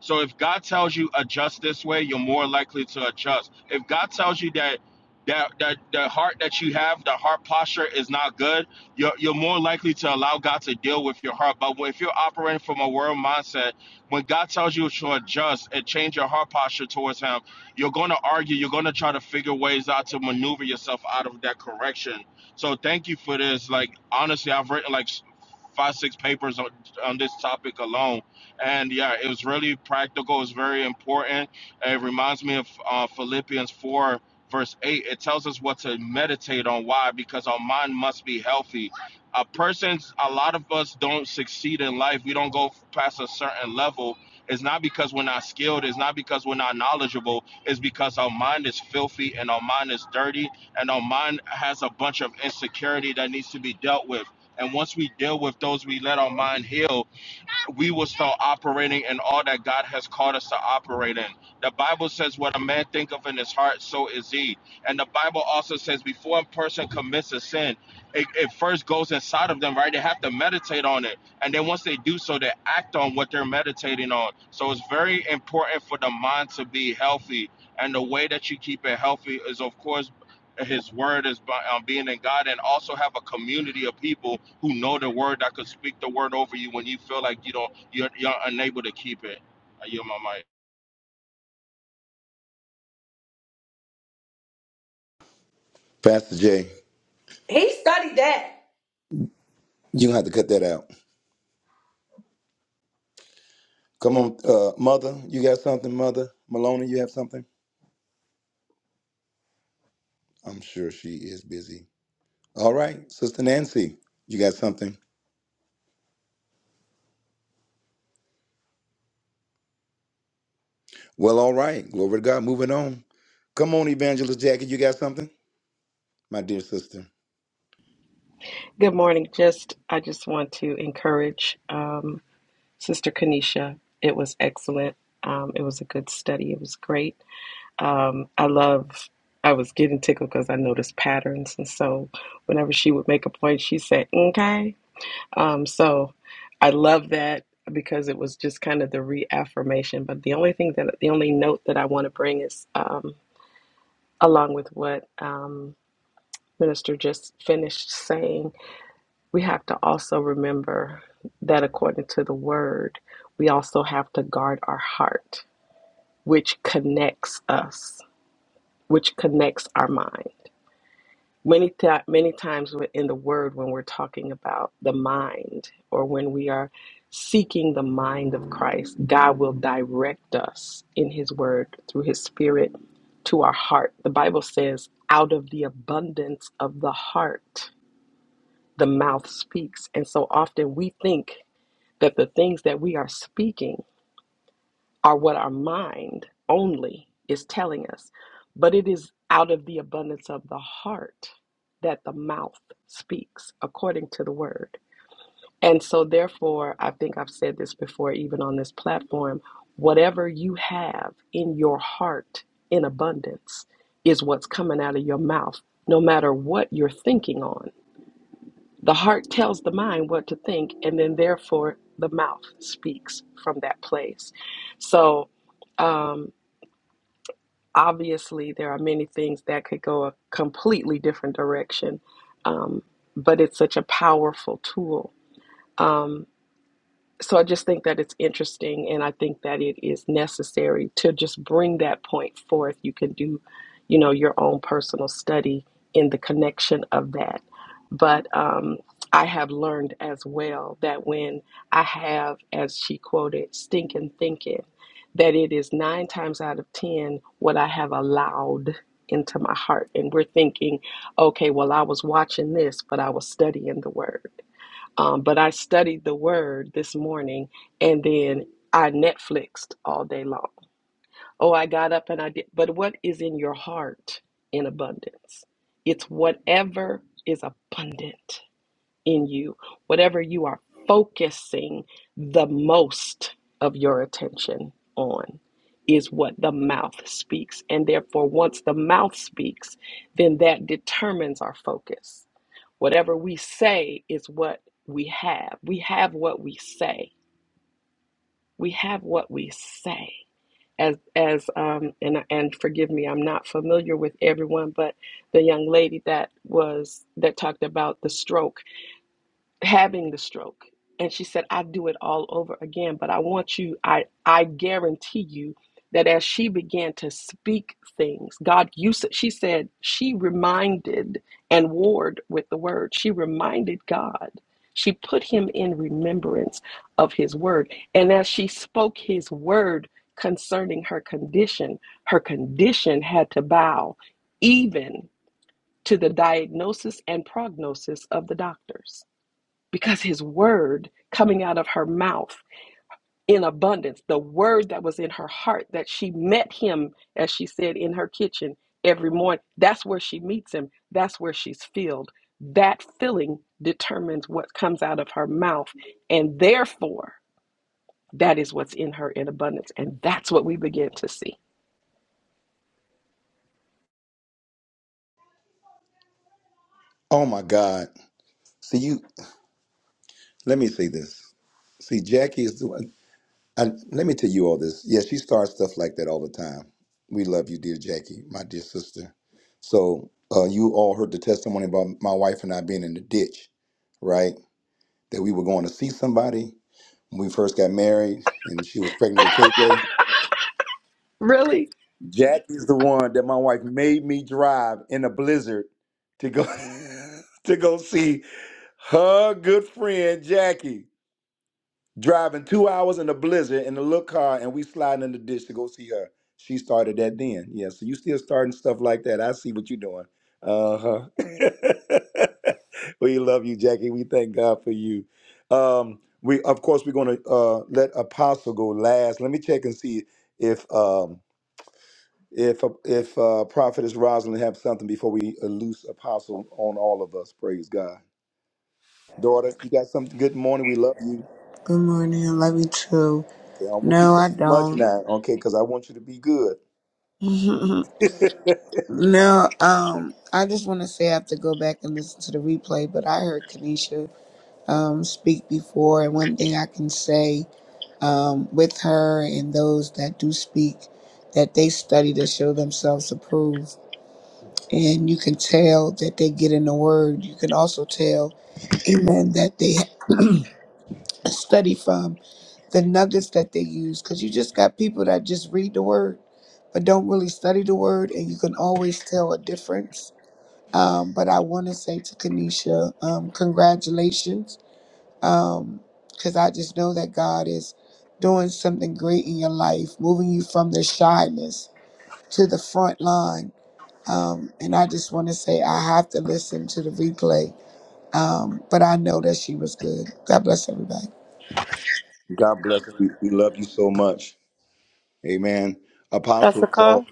K: so if God tells you adjust this way, you're more likely to adjust. If God tells you that that that the heart that you have, the heart posture is not good, you're you're more likely to allow God to deal with your heart. But if you're operating from a world mindset, when God tells you to adjust and change your heart posture towards Him, you're going to argue. You're going to try to figure ways out to maneuver yourself out of that correction. So thank you for this. Like honestly, I've written like five, six papers on on this topic alone and yeah, it was really practical. It's very important. It reminds me of uh, Philippians 4, verse 8. It tells us what to meditate on. Why? Because our mind must be healthy. A person's, a lot of us don't succeed in life. We don't go past a certain level. It's not because we're not skilled. It's not because we're not knowledgeable. It's because our mind is filthy and our mind is dirty and our mind has a bunch of insecurity that needs to be dealt with. And once we deal with those, we let our mind heal we will start operating in all that God has called us to operate in. The Bible says, "What a man think of in his heart, so is he." And the Bible also says, before a person commits a sin, it, it first goes inside of them, right? They have to meditate on it, and then once they do so, they act on what they're meditating on. So it's very important for the mind to be healthy, and the way that you keep it healthy is, of course, his word is by um, being in God and also have a community of people who know the word that could speak the word over you when you feel like you don't you're, you're unable to keep it. I yield my mic.
H: He studied that.
L: Good morning. Just I just want to encourage um, Sister Kanisha. It was excellent. Um, it was a good study. It was great. Um, I love. I was getting tickled because I noticed patterns, and so whenever she would make a point, she said "okay." Um, so I love that because it was just kind of the reaffirmation. But the only thing that the only note that I want to bring is um, along with what um, Minister just finished saying we have to also remember that according to the word, we also have to guard our heart, which connects us, which connects our mind. Many, ti many times wi- in the word, when we're talking about the mind or when we are seeking the mind of Christ, God will direct us in his word through his spirit to our heart. The Bible says, out of the abundance of the heart, the mouth speaks. And so often we think that the things that we are speaking are what our mind only is telling us, but it is out of the abundance of the heart that the mouth speaks according to the word. And so, therefore, I think I've said this before, even on this platform whatever you have in your heart in abundance is what's coming out of your mouth, no matter what you're thinking on the heart tells the mind what to think, and then therefore the mouth speaks from that place. So, um, obviously, there are many things that could go a completely different direction, um, but it's such a powerful tool. Um, so I just think that it's interesting, and I think that it is necessary to just bring that point forth. You can do, you know, your own personal study in the connection of that. But um, I have learned as well that when I have, as she quoted, stinking thinking, that it is nine times out of ten what I have allowed into my heart. And we're thinking, okay, well, I was watching this, but I was studying the word um, but I studied the word this morning and then I Netflixed all day long. Oh, I got up and I did. But what is in your heart in abundance? It's whatever is abundant in you, whatever you are focusing the most of your attention on is what the mouth speaks. And therefore, once the mouth speaks, then that determines our focus. Whatever we say is what we have. We have what we say. We have what we say. As as um and and forgive me, I'm not familiar with everyone, but the young lady that was that talked about the stroke having the stroke and she said i do it all over again but i want you i i guarantee you that as she began to speak things god used. s- she said she reminded and warred with the word she reminded god she put him in remembrance of his word and as she spoke his word concerning her condition her condition had to bow even to the diagnosis and prognosis of the doctors because his word coming out of her mouth in abundance, the word that was in her heart that she met him, as she said, in her kitchen every morning, that's where she meets him, that's where she's filled. That filling determines what comes out of her mouth, and therefore, that is what's in her in abundance, and that's what we begin to see.
A: that we were going to see somebody when we first got married, and she was pregnant with KJ.
L: Really?
A: Jackie's the one that my wife made me drive in a blizzard to go <laughs> to go see her good friend Jackie driving two hours in a blizzard in a little car, and we sliding in the ditch to go see her. She started that then. Yeah, so you still starting stuff like that. I see what you're doing. Uh huh. <laughs> We love you, Jackie. We thank God for you. Um, we of course we're going to uh, let Apostle go last. Let me check and see if um, if if uh, Prophetess Rosalind have something before we uh, loose Apostle on all of us. Praise God, daughter. You got something. Good morning. We love you.
M: Good morning. I love you too.
A: Okay, I don't want you to
M: No,
A: say
M: I
A: too much
M: don't.
A: now. Okay, because I want you to be good.
M: <laughs> No, um, I just want to say I have to go back and listen to the replay, but I heard Kanisha um, speak before, and one thing I can say um, with her and those that do speak, that they study to show themselves approved, and you can tell that they get in the Word. You can also tell, <clears throat> Amen, that they <clears throat> study from. the nuggets that they use because you just got people that just read the word but don't really study the word and you can always tell a difference um, but i want to say to kanisha um, congratulations because i just know that god is doing something great in your life moving you from the shyness to the front line um, and i just want to say i have to listen to the replay um, but i know that she was good god bless everybody
N: Pastor Carr,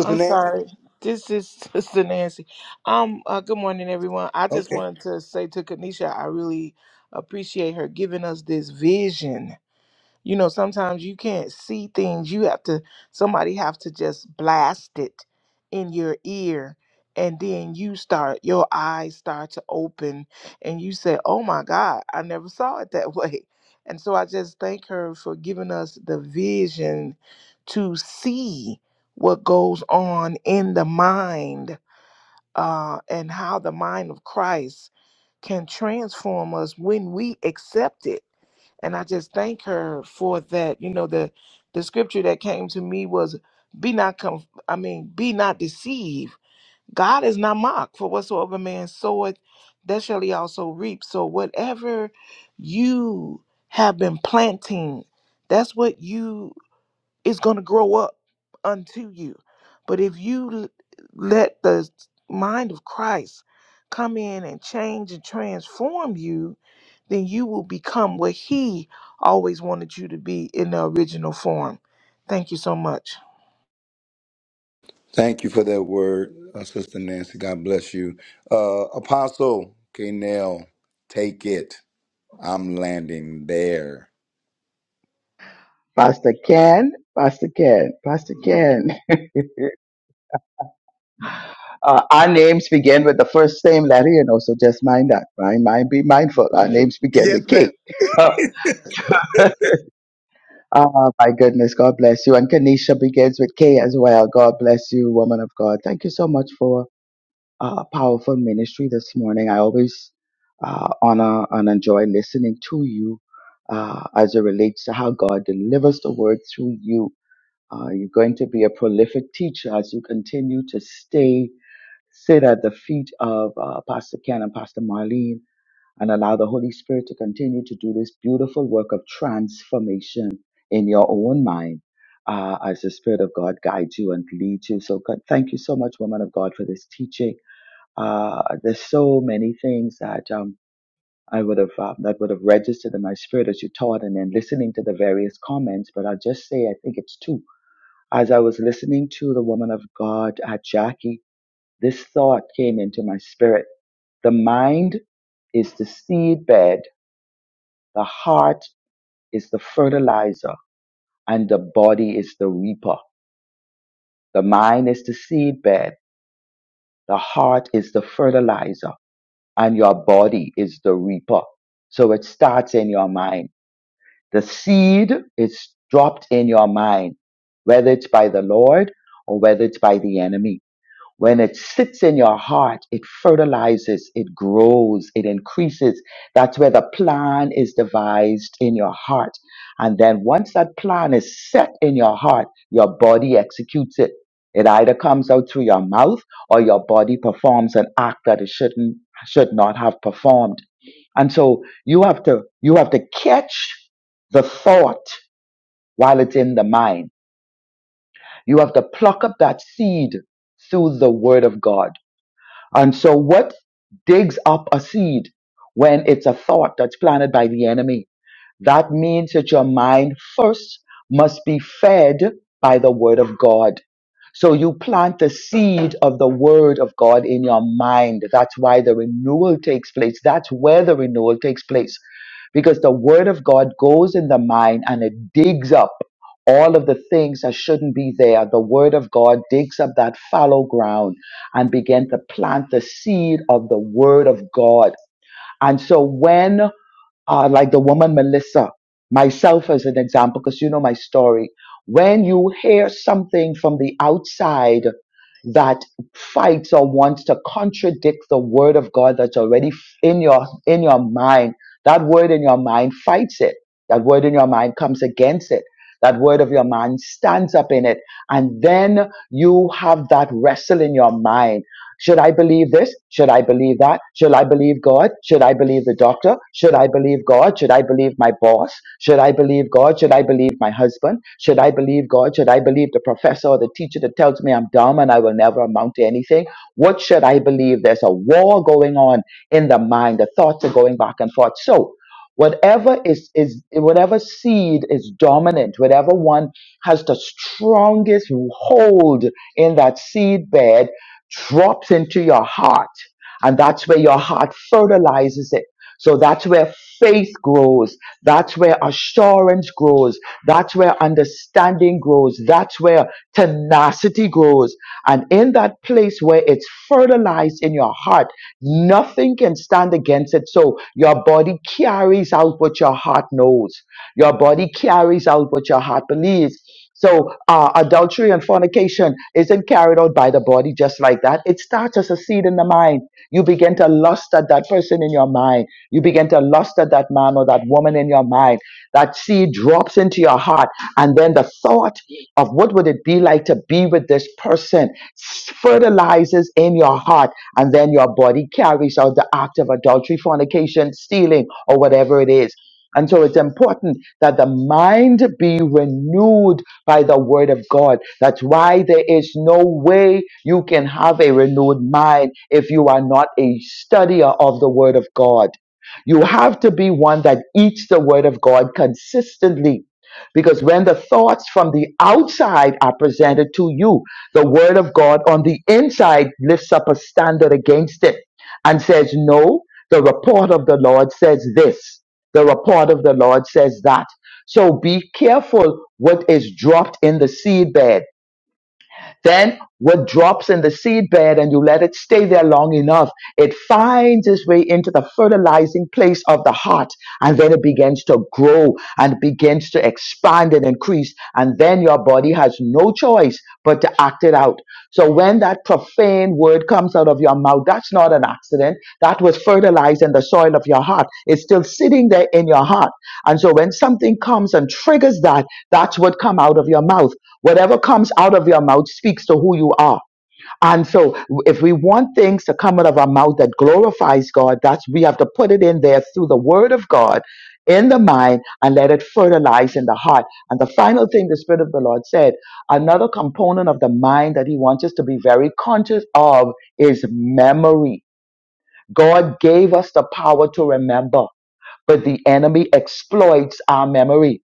N: I'm sorry. This is <laughs> Sister Nancy. Um, uh, good morning, everyone. I just wanted to say to Kanisha, I really appreciate her giving us this vision you know, sometimes you can't see things. You have to somebody have to just blast it in your ear and then you start your eyes start to open and you say, "Oh my God, I never saw it that <laughs> way." And so I just thank her for giving us the vision to see what goes on in the mind uh, and how the mind of Christ can transform us when we accept it and I just thank her for that. You know, the the scripture that came to me was be not conf- I mean, be not deceived. God is not mocked, for whatsoever man soweth, that shall he also reap. So whatever you have been planting, that's what you is going to grow up unto you. But if you l- let the mind of Christ come in and change and transform you, then you will become what he always wanted you to be in the original form. Thank you so much.
G: <laughs> Pastor Ken, Pastor Ken, Pastor Ken. Uh, our names begin with the first same letter, you know, so just mind that. Mind, mind, be mindful. Our names begin with K. <laughs> oh, my goodness. God bless you. And Kanisha begins with K as well. God bless you, woman of God. Thank you so much for uh, a powerful ministry this morning. I always uh, honor and enjoy listening to you uh, as it relates to how God delivers the word through you Uh, you're going to be a prolific teacher as you continue to stay, sit at the feet of uh, Pastor Ken and Pastor Marlene and allow the Holy Spirit to continue to do this beautiful work of transformation in your own mind uh, as the Spirit of God guides you and leads you. So God, thank you so much, woman of God, for this teaching. Uh, there's so many things that um, I would have uh, that would have registered in my spirit as you taught, and then listening to the various comments. But I'll just say I think it's two as I was listening to the woman of God at Jackie, this thought came into my spirit. The mind is the seed bed, the heart is the fertilizer, and the body is the reaper. The mind is the seed bed, the heart is the fertilizer, and your body is the reaper. So it starts in your mind. The seed is dropped in your mind, whether it's by the Lord or whether it's by the enemy When it sits in your heart, it fertilizes, it grows, it increases. That's where the plan is devised in your heart. And then once that plan is set in your heart, your body executes it. It either comes out through your mouth or your body performs an act that it shouldn't, should not have performed. And so you have to, you have to catch the thought while it's in the mind. You have to pluck up that seed through the word of God and so, what digs up a seed when it's a thought that's planted by the enemy? That means that your mind first must be fed by the Word of God. So you plant the seed of the Word of God in your mind. That's why the renewal takes place. That's where the renewal takes place. Because the Word of God goes in the mind and it digs up all of the things that shouldn't be there. The Word of God digs up that fallow ground and begin to plant the seed of the Word of God. And so when uh, like the woman Melissa, myself as an example, because you know my story. When you hear something from the outside that fights or wants to contradict the word of God that's already in your in your mind, that word in your mind fights it. That word in your mind comes against it. That word of your mind stands up in it. And then you have that wrestle in your mind should I believe this? Should I believe that? Should I believe God? Should I believe the doctor? Should I believe God? Should I believe my boss? Should I believe God? Should I believe my husband? Should I believe God? Should I believe the professor or the teacher that tells me I'm dumb and I will never amount to anything? What should I believe? There's a war going on in the mind. The thoughts are going back and forth. So, whatever is is whatever seed is dominant, whatever one has the strongest hold in that seed bed drops into your heart. And that's where your heart fertilizes it. So that's where faith grows. That's where assurance grows. That's where understanding grows. That's where tenacity grows. And in that place where it's fertilized in your heart, nothing can stand against it. So your body carries out what your heart knows. Your body carries out what your heart believes. So uh, adultery and fornication isn't carried out by the body just like that. It starts as a seed in the mind. You begin to lust at that person in your mind. You begin to lust at that man or that woman in your mind. That seed drops into your heart, and then the thought of what would it be like to be with this person fertilizes in your heart, and then your body carries out the act of adultery, fornication, stealing, or whatever it is. And so it's important that the mind be renewed by the word of God. That's why there is no way you can have a renewed mind if you are not a studier of the word of God. You have to be one that eats the word of God consistently. Because when the thoughts from the outside are presented to you, the word of God on the inside lifts up a standard against it and says, No, the report of the Lord says this. The report of the Lord says that. So be careful what is dropped in the seed bed. Then what drops in the seed bed and you let it stay there long enough, it finds its way into the fertilizing place of the heart. And then it begins to grow and begins to expand and increase. And then your body has no choice but to act it out. So when that profane word comes out of your mouth, that's not an accident. That was fertilized in the soil of your heart. It's still sitting there in your heart. And so when something comes and triggers that, that's what come out of your mouth. Whatever comes out of your mouth speaks to who you are. And so if we want things to come out of our mouth that glorifies God, that's we have to put it in there through the word of God in the mind and let it fertilize in the heart. And the final thing the Spirit of the Lord said, another component of the mind that He wants us to be very conscious of is memory. God gave us the power to remember but the enemy exploits our memory.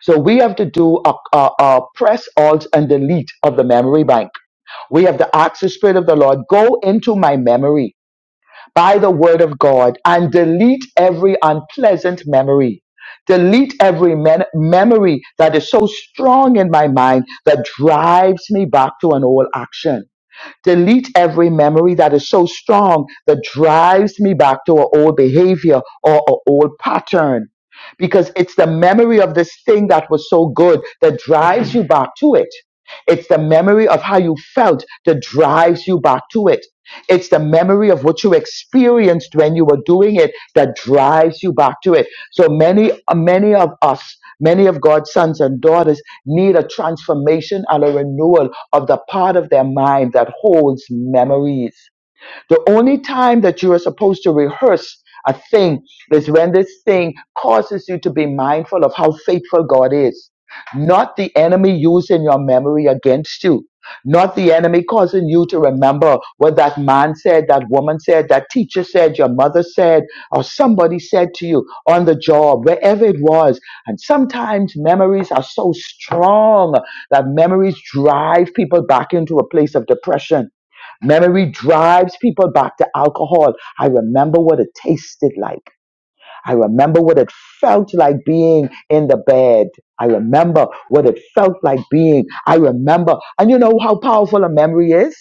G: So we have to do a, a, a press alt and delete of the memory bank. We have to ask the Spirit of the Lord, go into my memory by the word of God and delete every unpleasant memory. Delete every men- memory that is so strong in my mind that drives me back to an old action. Delete every memory that is so strong that drives me back to an old behavior or an old pattern. Because it's the memory of this thing that was so good that drives you back to it. It's the memory of how you felt that drives you back to it. It's the memory of what you experienced when you were doing it that drives you back to it. So many, many of us, many of God's sons and daughters need a transformation and a renewal of the part of their mind that holds memories. The only time that you are supposed to rehearse a thing is when this thing causes you to be mindful of how faithful God is. Not the enemy using your memory against you. Not the enemy causing you to remember what that man said, that woman said, that teacher said, your mother said, or somebody said to you on the job, wherever it was. And sometimes memories are so strong that memories drive people back into a place of depression Memory drives people back to alcohol. I remember what it tasted like. I remember what it felt like being in the bed. I remember what it felt like being. I remember. And you know how powerful a memory is?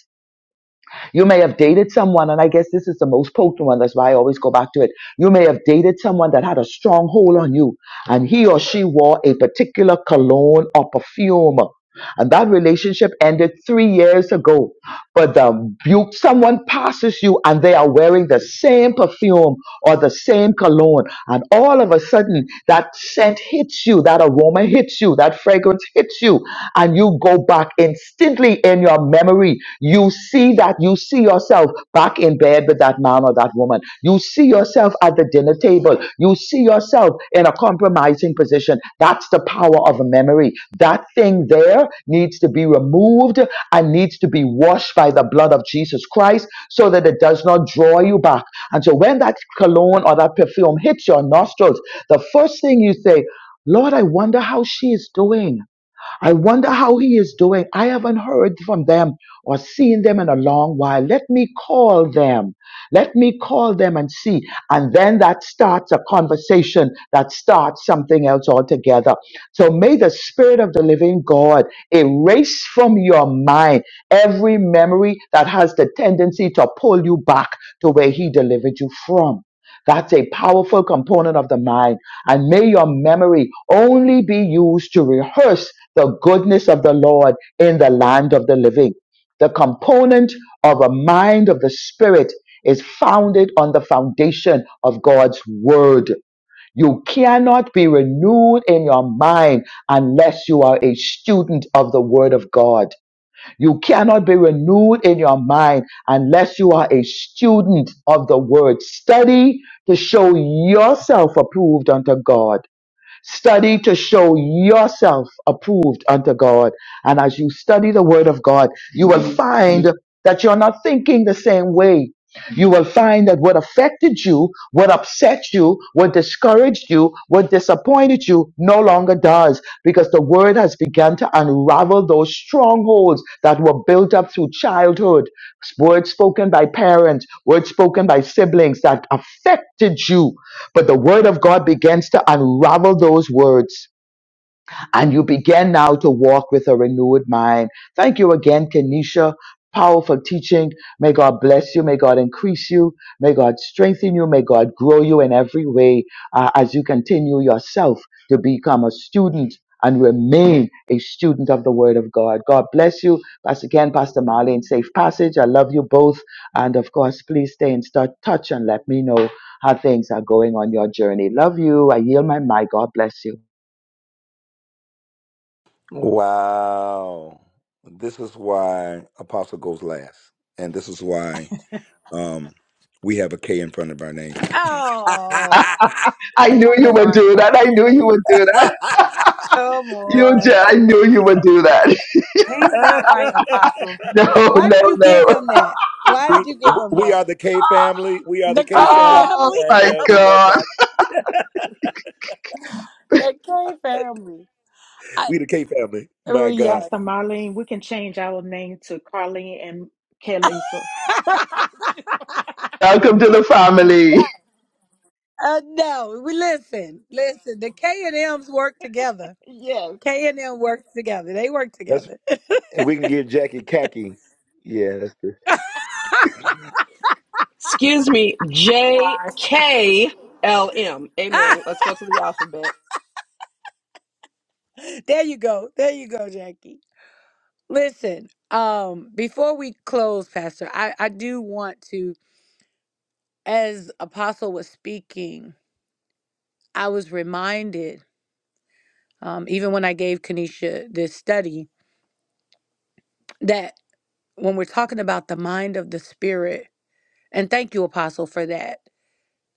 G: You may have dated someone, and I guess this is the most potent one. That's why I always go back to it. You may have dated someone that had a strong hold on you, and he or she wore a particular cologne or perfume. And that relationship ended three years ago. But the, you, someone passes you and they are wearing the same perfume or the same cologne. And all of a sudden, that scent hits you, that aroma hits you, that fragrance hits you, and you go back instantly in your memory. You see that, you see yourself back in bed with that man or that woman. You see yourself at the dinner table. You see see yourself in a compromising position. That's the power of a memory. That thing there needs to be removed and needs to be washed by the blood of Jesus Christ so that it does not draw you back. And so when that cologne or that perfume hits your nostrils, the first thing you say, Lord, I wonder how she is doing. I wonder how he is doing. I haven't heard from them or seen them in a long while. Let me call them. Let me call them and see. And then that starts a conversation that starts something else altogether. So may the Spirit of the Living God erase from your mind every memory that has the tendency to pull you back to where He delivered you from. That's a powerful component of the mind and may your memory only be used to rehearse the goodness of the Lord in the land of the living. The component of a mind of the Spirit is founded on the foundation of God's Word. You cannot be renewed in your mind unless you are a student of the Word of God. You cannot be renewed in your mind unless you are a student of the Word. Study to show yourself approved unto God Study to show yourself approved unto God. And as you study the word of God, you will find that you're not thinking the same way. You will find that what affected you, what upset you, what discouraged you, what disappointed you no longer does because the word has begun to unravel those strongholds that were built up through childhood, words spoken by parents, words spoken by siblings that affected you but the word of God begins to unravel those words and you begin now to walk with a renewed mind. Thank you again, Kenisha. Powerful teaching. May God bless you. May God increase you. May God strengthen you. May God grow you in every way uh, as you continue yourself to become a student and remain a student of the Word of God. God bless you. Pastor Ken, Pastor Marlene, safe passage. I love you both. And of course, please stay in start touch and let me know how things are going on your journey. Love you. I yield my mic. God bless you.
H: Oh,
G: I knew
H: come
G: you would
H: on.
G: do that. I knew you would do that.
H: Come
G: You, ju-
H: on.
G: I knew you would do that. <laughs>
H: He's not right, Apostle.
G: No,
H: Why
G: no,
H: did you
G: no.
H: give him that? Why did
A: We
H: you give
A: we
H: him
A: we
H: that?
A: are the K family. We are the
H: The
A: K
H: K
A: family,
G: Oh
H: family. <laughs>
A: and
G: my
A: uh, we love
G: God!
A: God.
H: The K family. I,
A: We the K family.
H: uh,
A: My God.
H: yes.
I: Pastor Marlene, we can change our name to Carlene and Kelly. So <laughs>
H: <laughs>
G: Welcome to the family.
H: Uh, no, we listen, listen. The K and M's work together.
I: yes.
H: K and M works together. They work together. <laughs>
L: Excuse me, J K L M. Amen. Let's go to the alphabet.
H: there you go. There you go, Jackie. Listen, um, before we close, Pastor, I, I do want to, as Apostle was speaking, I was reminded, um, even when I gave Kanisha this study, that when we're talking about the mind of the Spirit, and thank you, Apostle, for that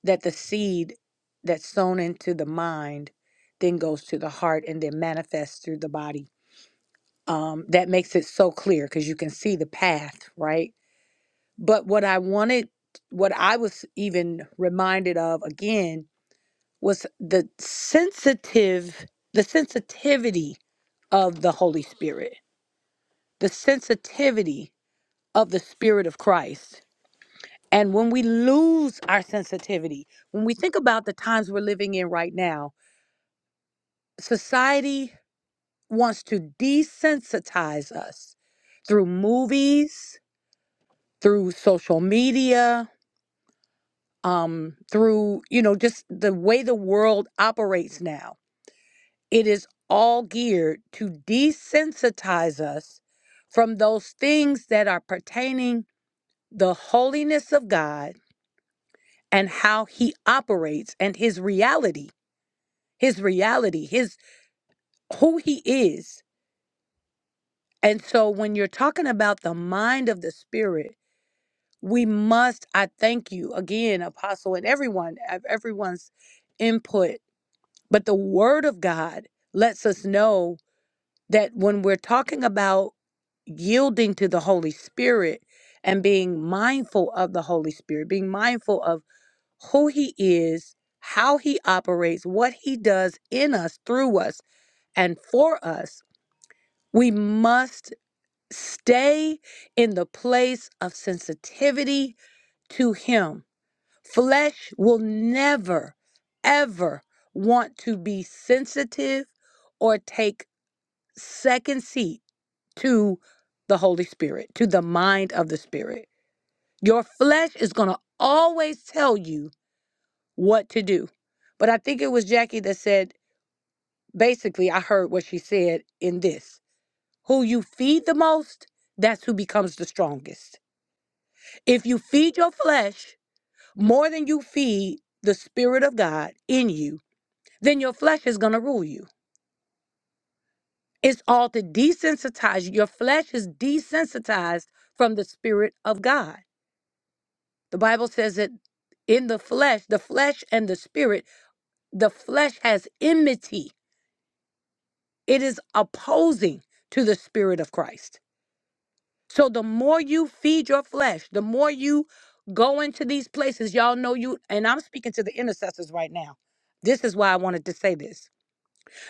H: that the seed that's sown into the mind then goes to the heart and then manifests through the body. Um, that makes it so clear because you can see the path, right? But what I wanted, what I was even reminded of again was the sensitive, the sensitivity of the Holy Spirit, the sensitivity of the Spirit of Christ. And when we lose our sensitivity, when we think about the times we're living in right now, society wants to desensitize us through movies, through social media, um, through, you know, just the way the world operates now. It is all geared to desensitize us from those things that are pertaining the holiness of God and how he operates and his reality, his reality, his who he is And so when you're talking about the mind of the spirit, we must, I thank you again, Apostle, and everyone, ev- everyone's input. But the word of God lets us know that when we're talking about yielding to the Holy Spirit and being mindful of the Holy Spirit, being mindful of who He is, how He operates, what He does in us, through us, and for us, we must Stay in the place of sensitivity to Him. Flesh will never, ever want to be sensitive or take second seat to the Holy Spirit, to the mind of the Spirit. Your flesh is going to always tell you what to do. But I think it was Jackie that said, basically, I heard what she said in this who you feed the most, that's who becomes the strongest If you feed your flesh more than you feed the Spirit of God in you, then your flesh is going to rule you. It's all to desensitize you. Your flesh is desensitized from the Spirit of God. The Bible says that in the flesh, the flesh and the Spirit, the flesh has enmity, it is opposing to the Spirit of Christ. So the more you feed your flesh, the more you go into these places, y'all know you, and I'm speaking to the intercessors right now. This is why I wanted to say this.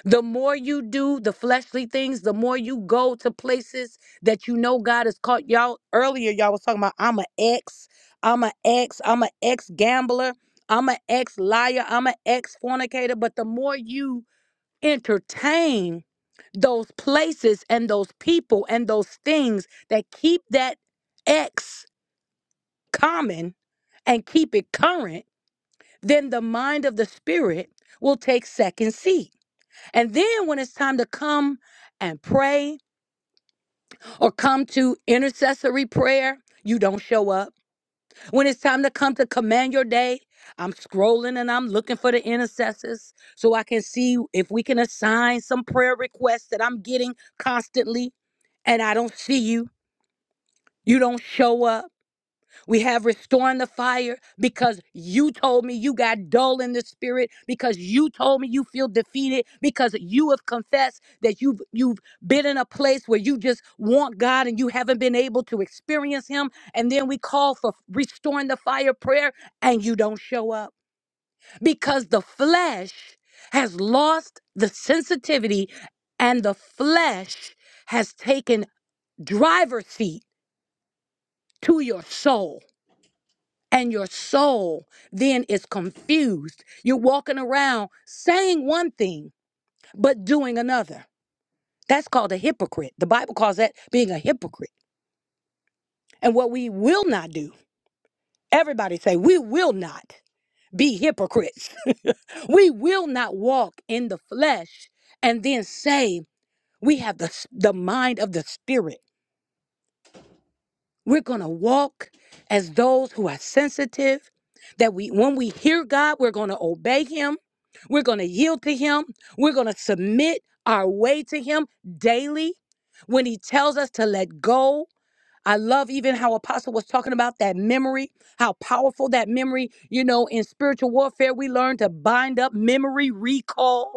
H: The more you do the fleshly things, the more you go to places that you know God has caught y'all. Earlier, y'all was talking about I'm an ex, I'm an ex, I'm an ex gambler, I'm an ex liar, I'm an ex fornicator. But the more you entertain those places and those people and those things that keep that X common and keep it current, then the mind of the spirit will take second seat. And then when it's time to come and pray or come to intercessory prayer, you don't show up. When it's time to come to command your day, I'm scrolling and I'm looking for the intercessors so I can see if we can assign some prayer requests that I'm getting constantly and I don't see you You don't show up. We have restoring the fire because you told me you got dull in the spirit, because you told me you feel defeated, because you have confessed that you've you've been in a place where you just want God and you haven't been able to experience him. And then we call for restoring the fire prayer and you don't show up. Because the flesh has lost the sensitivity and the flesh has taken driver's seat to your soul and your soul then is confused. You're walking around saying one thing, but doing another. That's called a hypocrite. The Bible calls that being a hypocrite. And what we will not do, everybody say, we will not be hypocrites. <laughs> we will not walk in the flesh and then say, we have the, s- the mind of the spirit. We're going to walk as those who are sensitive that we when we hear God, we're going to obey him. We're going to yield to him. We're going to submit our way to him daily when he tells us to let go. I love even how apostle was talking about that memory, how powerful that memory, you know, in spiritual warfare we learn to bind up memory recall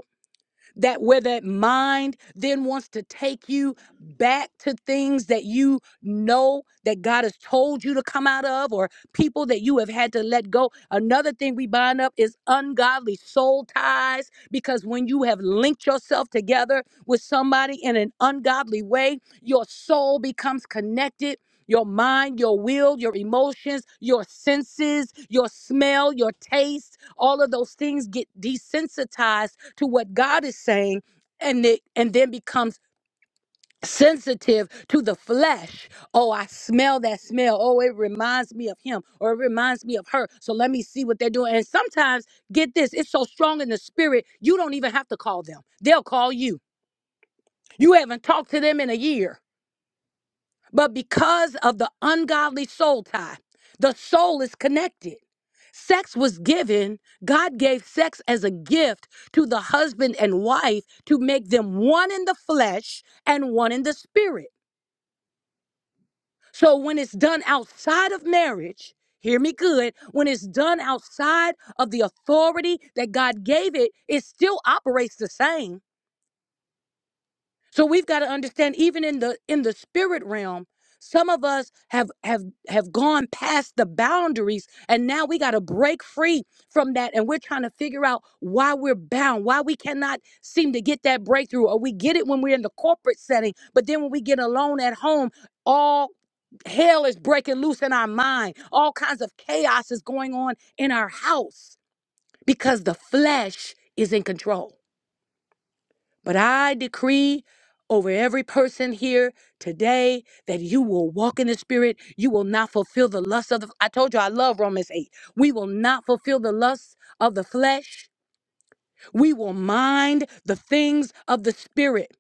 H: that where that mind then wants to take you back to things that you know that God has told you to come out of or people that you have had to let go. Another thing we bind up is ungodly soul ties because when you have linked yourself together with somebody in an ungodly way, your soul becomes connected your mind, your will, your emotions, your senses, your smell, your taste, all of those things get desensitized to what God is saying and it and then becomes sensitive to the flesh. Oh, I smell that smell. Oh, it reminds me of him or it reminds me of her. So let me see what they're doing. And sometimes, get this, it's so strong in the spirit, you don't even have to call them. They'll call you. You haven't talked to them in a year. But because of the ungodly soul tie, the soul is connected. Sex was given, God gave sex as a gift to the husband and wife to make them one in the flesh and one in the spirit. So when it's done outside of marriage, hear me good, when it's done outside of the authority that God gave it, it still operates the same So we've got to understand even in the in the spirit realm, some of us have have have gone past the boundaries and now we got to break free from that and we're trying to figure out why we're bound, why we cannot seem to get that breakthrough or we get it when we're in the corporate setting, but then when we get alone at home, all hell is breaking loose in our mind. All kinds of chaos is going on in our house because the flesh is in control. But I decree over every person here today that you will walk in the spirit. You will not fulfill the lust of the I told you I love Romans 8. We will not fulfill the lust of the flesh. We will mind the things of the spirit.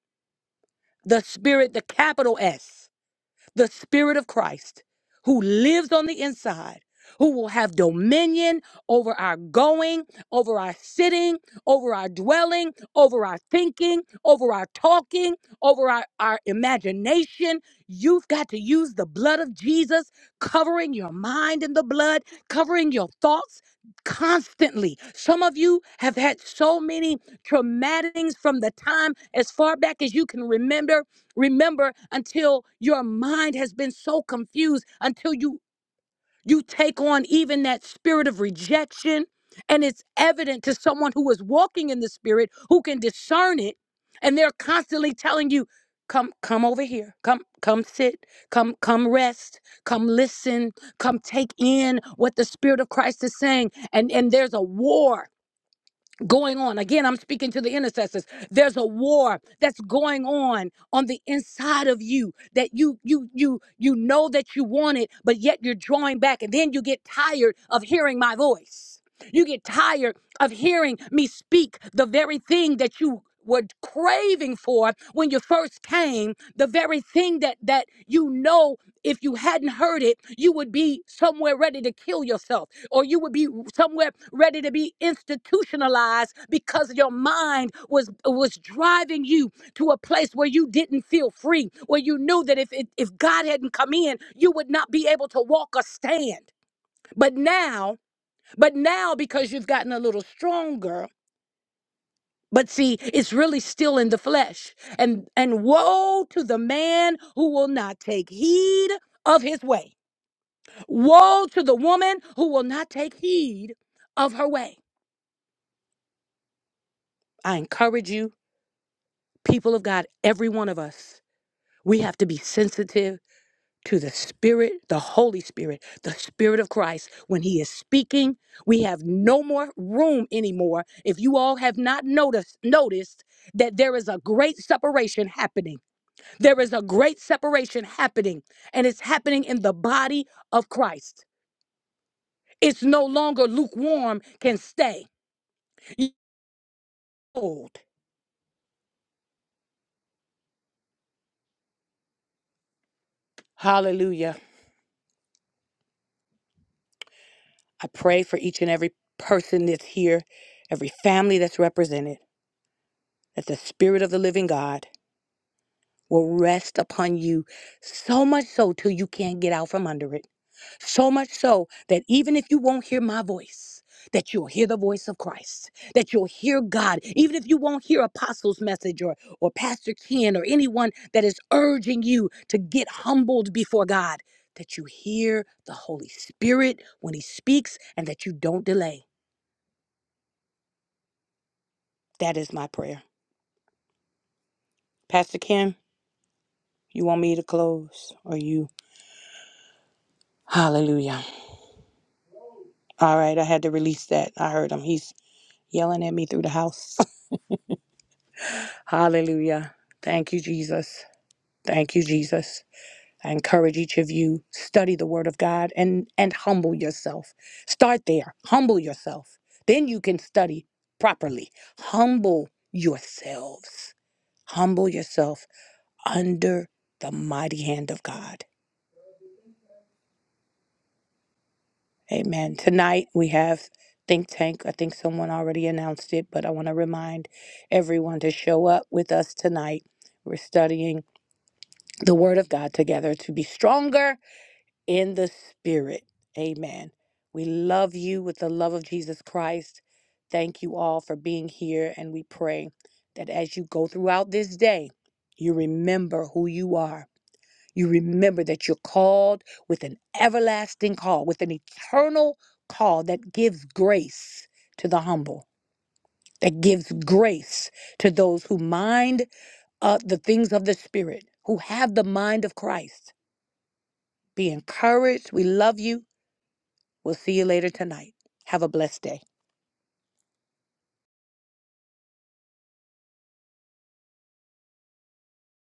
H: The spirit, the capital S the Spirit of Christ who lives on the inside, who will have dominion over our going, over our sitting, over our dwelling, over our thinking, over our talking, over our, our imagination. You've got to use the blood of Jesus, covering your mind in the blood, covering your thoughts constantly. Some of you have had so many traumatings from the time as far back as you can remember Remember, until your mind has been so confused, until you you take on even that spirit of rejection, and it's evident to someone who is walking in the spirit who can discern it, and they're constantly telling you, "Come, come over here. Come, come sit. Come, come rest. Come listen. Come take in what the spirit of Christ is saying." And and there's a war going on. Again, I'm speaking to the intercessors. There's a war that's going on on the inside of you that you you you you know that you want it, but yet you're drawing back and then you get tired of hearing my voice. You get tired of hearing me speak the very thing that you were craving for when you first came, the very thing that that you know if you hadn't heard it, you would be somewhere ready to kill yourself or you would be somewhere ready to be institutionalized because your mind was was driving you to a place where you didn't feel free, where you knew that if it, if God hadn't come in, you would not be able to walk or stand. But now but now, because you've gotten a little stronger, but see, it's really still in the flesh. And and woe to the man who will not take heed of his way. Woe to the woman who will not take heed of her way. I encourage you, people of God, every one of us, we have to be sensitive to the Spirit, the Holy Spirit, the Spirit of Christ. When He is speaking, we have no more room anymore. If you all have not noticed, noticed that there is a great separation happening. There is a great separation happening, and it's happening in the body of Christ. It's no longer lukewarm, can stay cold. Hallelujah. I pray for each and every person that's here, every family that's represented, that the Spirit of the living God will rest upon you so much so till you can't get out from under it. So much so that even if you won't hear my voice, that you'll hear the voice of Christ, that you'll hear God, even if you won't hear Apostle's message or, or Pastor Ken or anyone that is urging you to get humbled before God, that you hear the Holy Spirit when He speaks and that you don't delay. That is my prayer. Pastor Ken, you want me to close or you? Hallelujah. All right, I had to release that. I heard him. He's yelling at me through the house. <laughs> Hallelujah. Thank you, Jesus. Thank you, Jesus. I encourage each of you study the word of God and and humble yourself. Start there. Humble yourself. Then you can study properly. Humble yourselves. Humble yourself under the mighty hand of God. Amen. Tonight we have Think Tank. I think someone already announced it, but I want to remind everyone to show up with us tonight. We're studying the Word of God together to be stronger in the Spirit. Amen. We love you with the love of Jesus Christ. Thank you all for being here, and we pray that as you go throughout this day, you remember who you are you remember that you're called with an everlasting call, with an eternal call that gives grace to the humble, that gives grace to those who mind uh, the things of the Spirit, who have the mind of Christ. Be encouraged. We love you. We'll see you later tonight. Have a blessed day.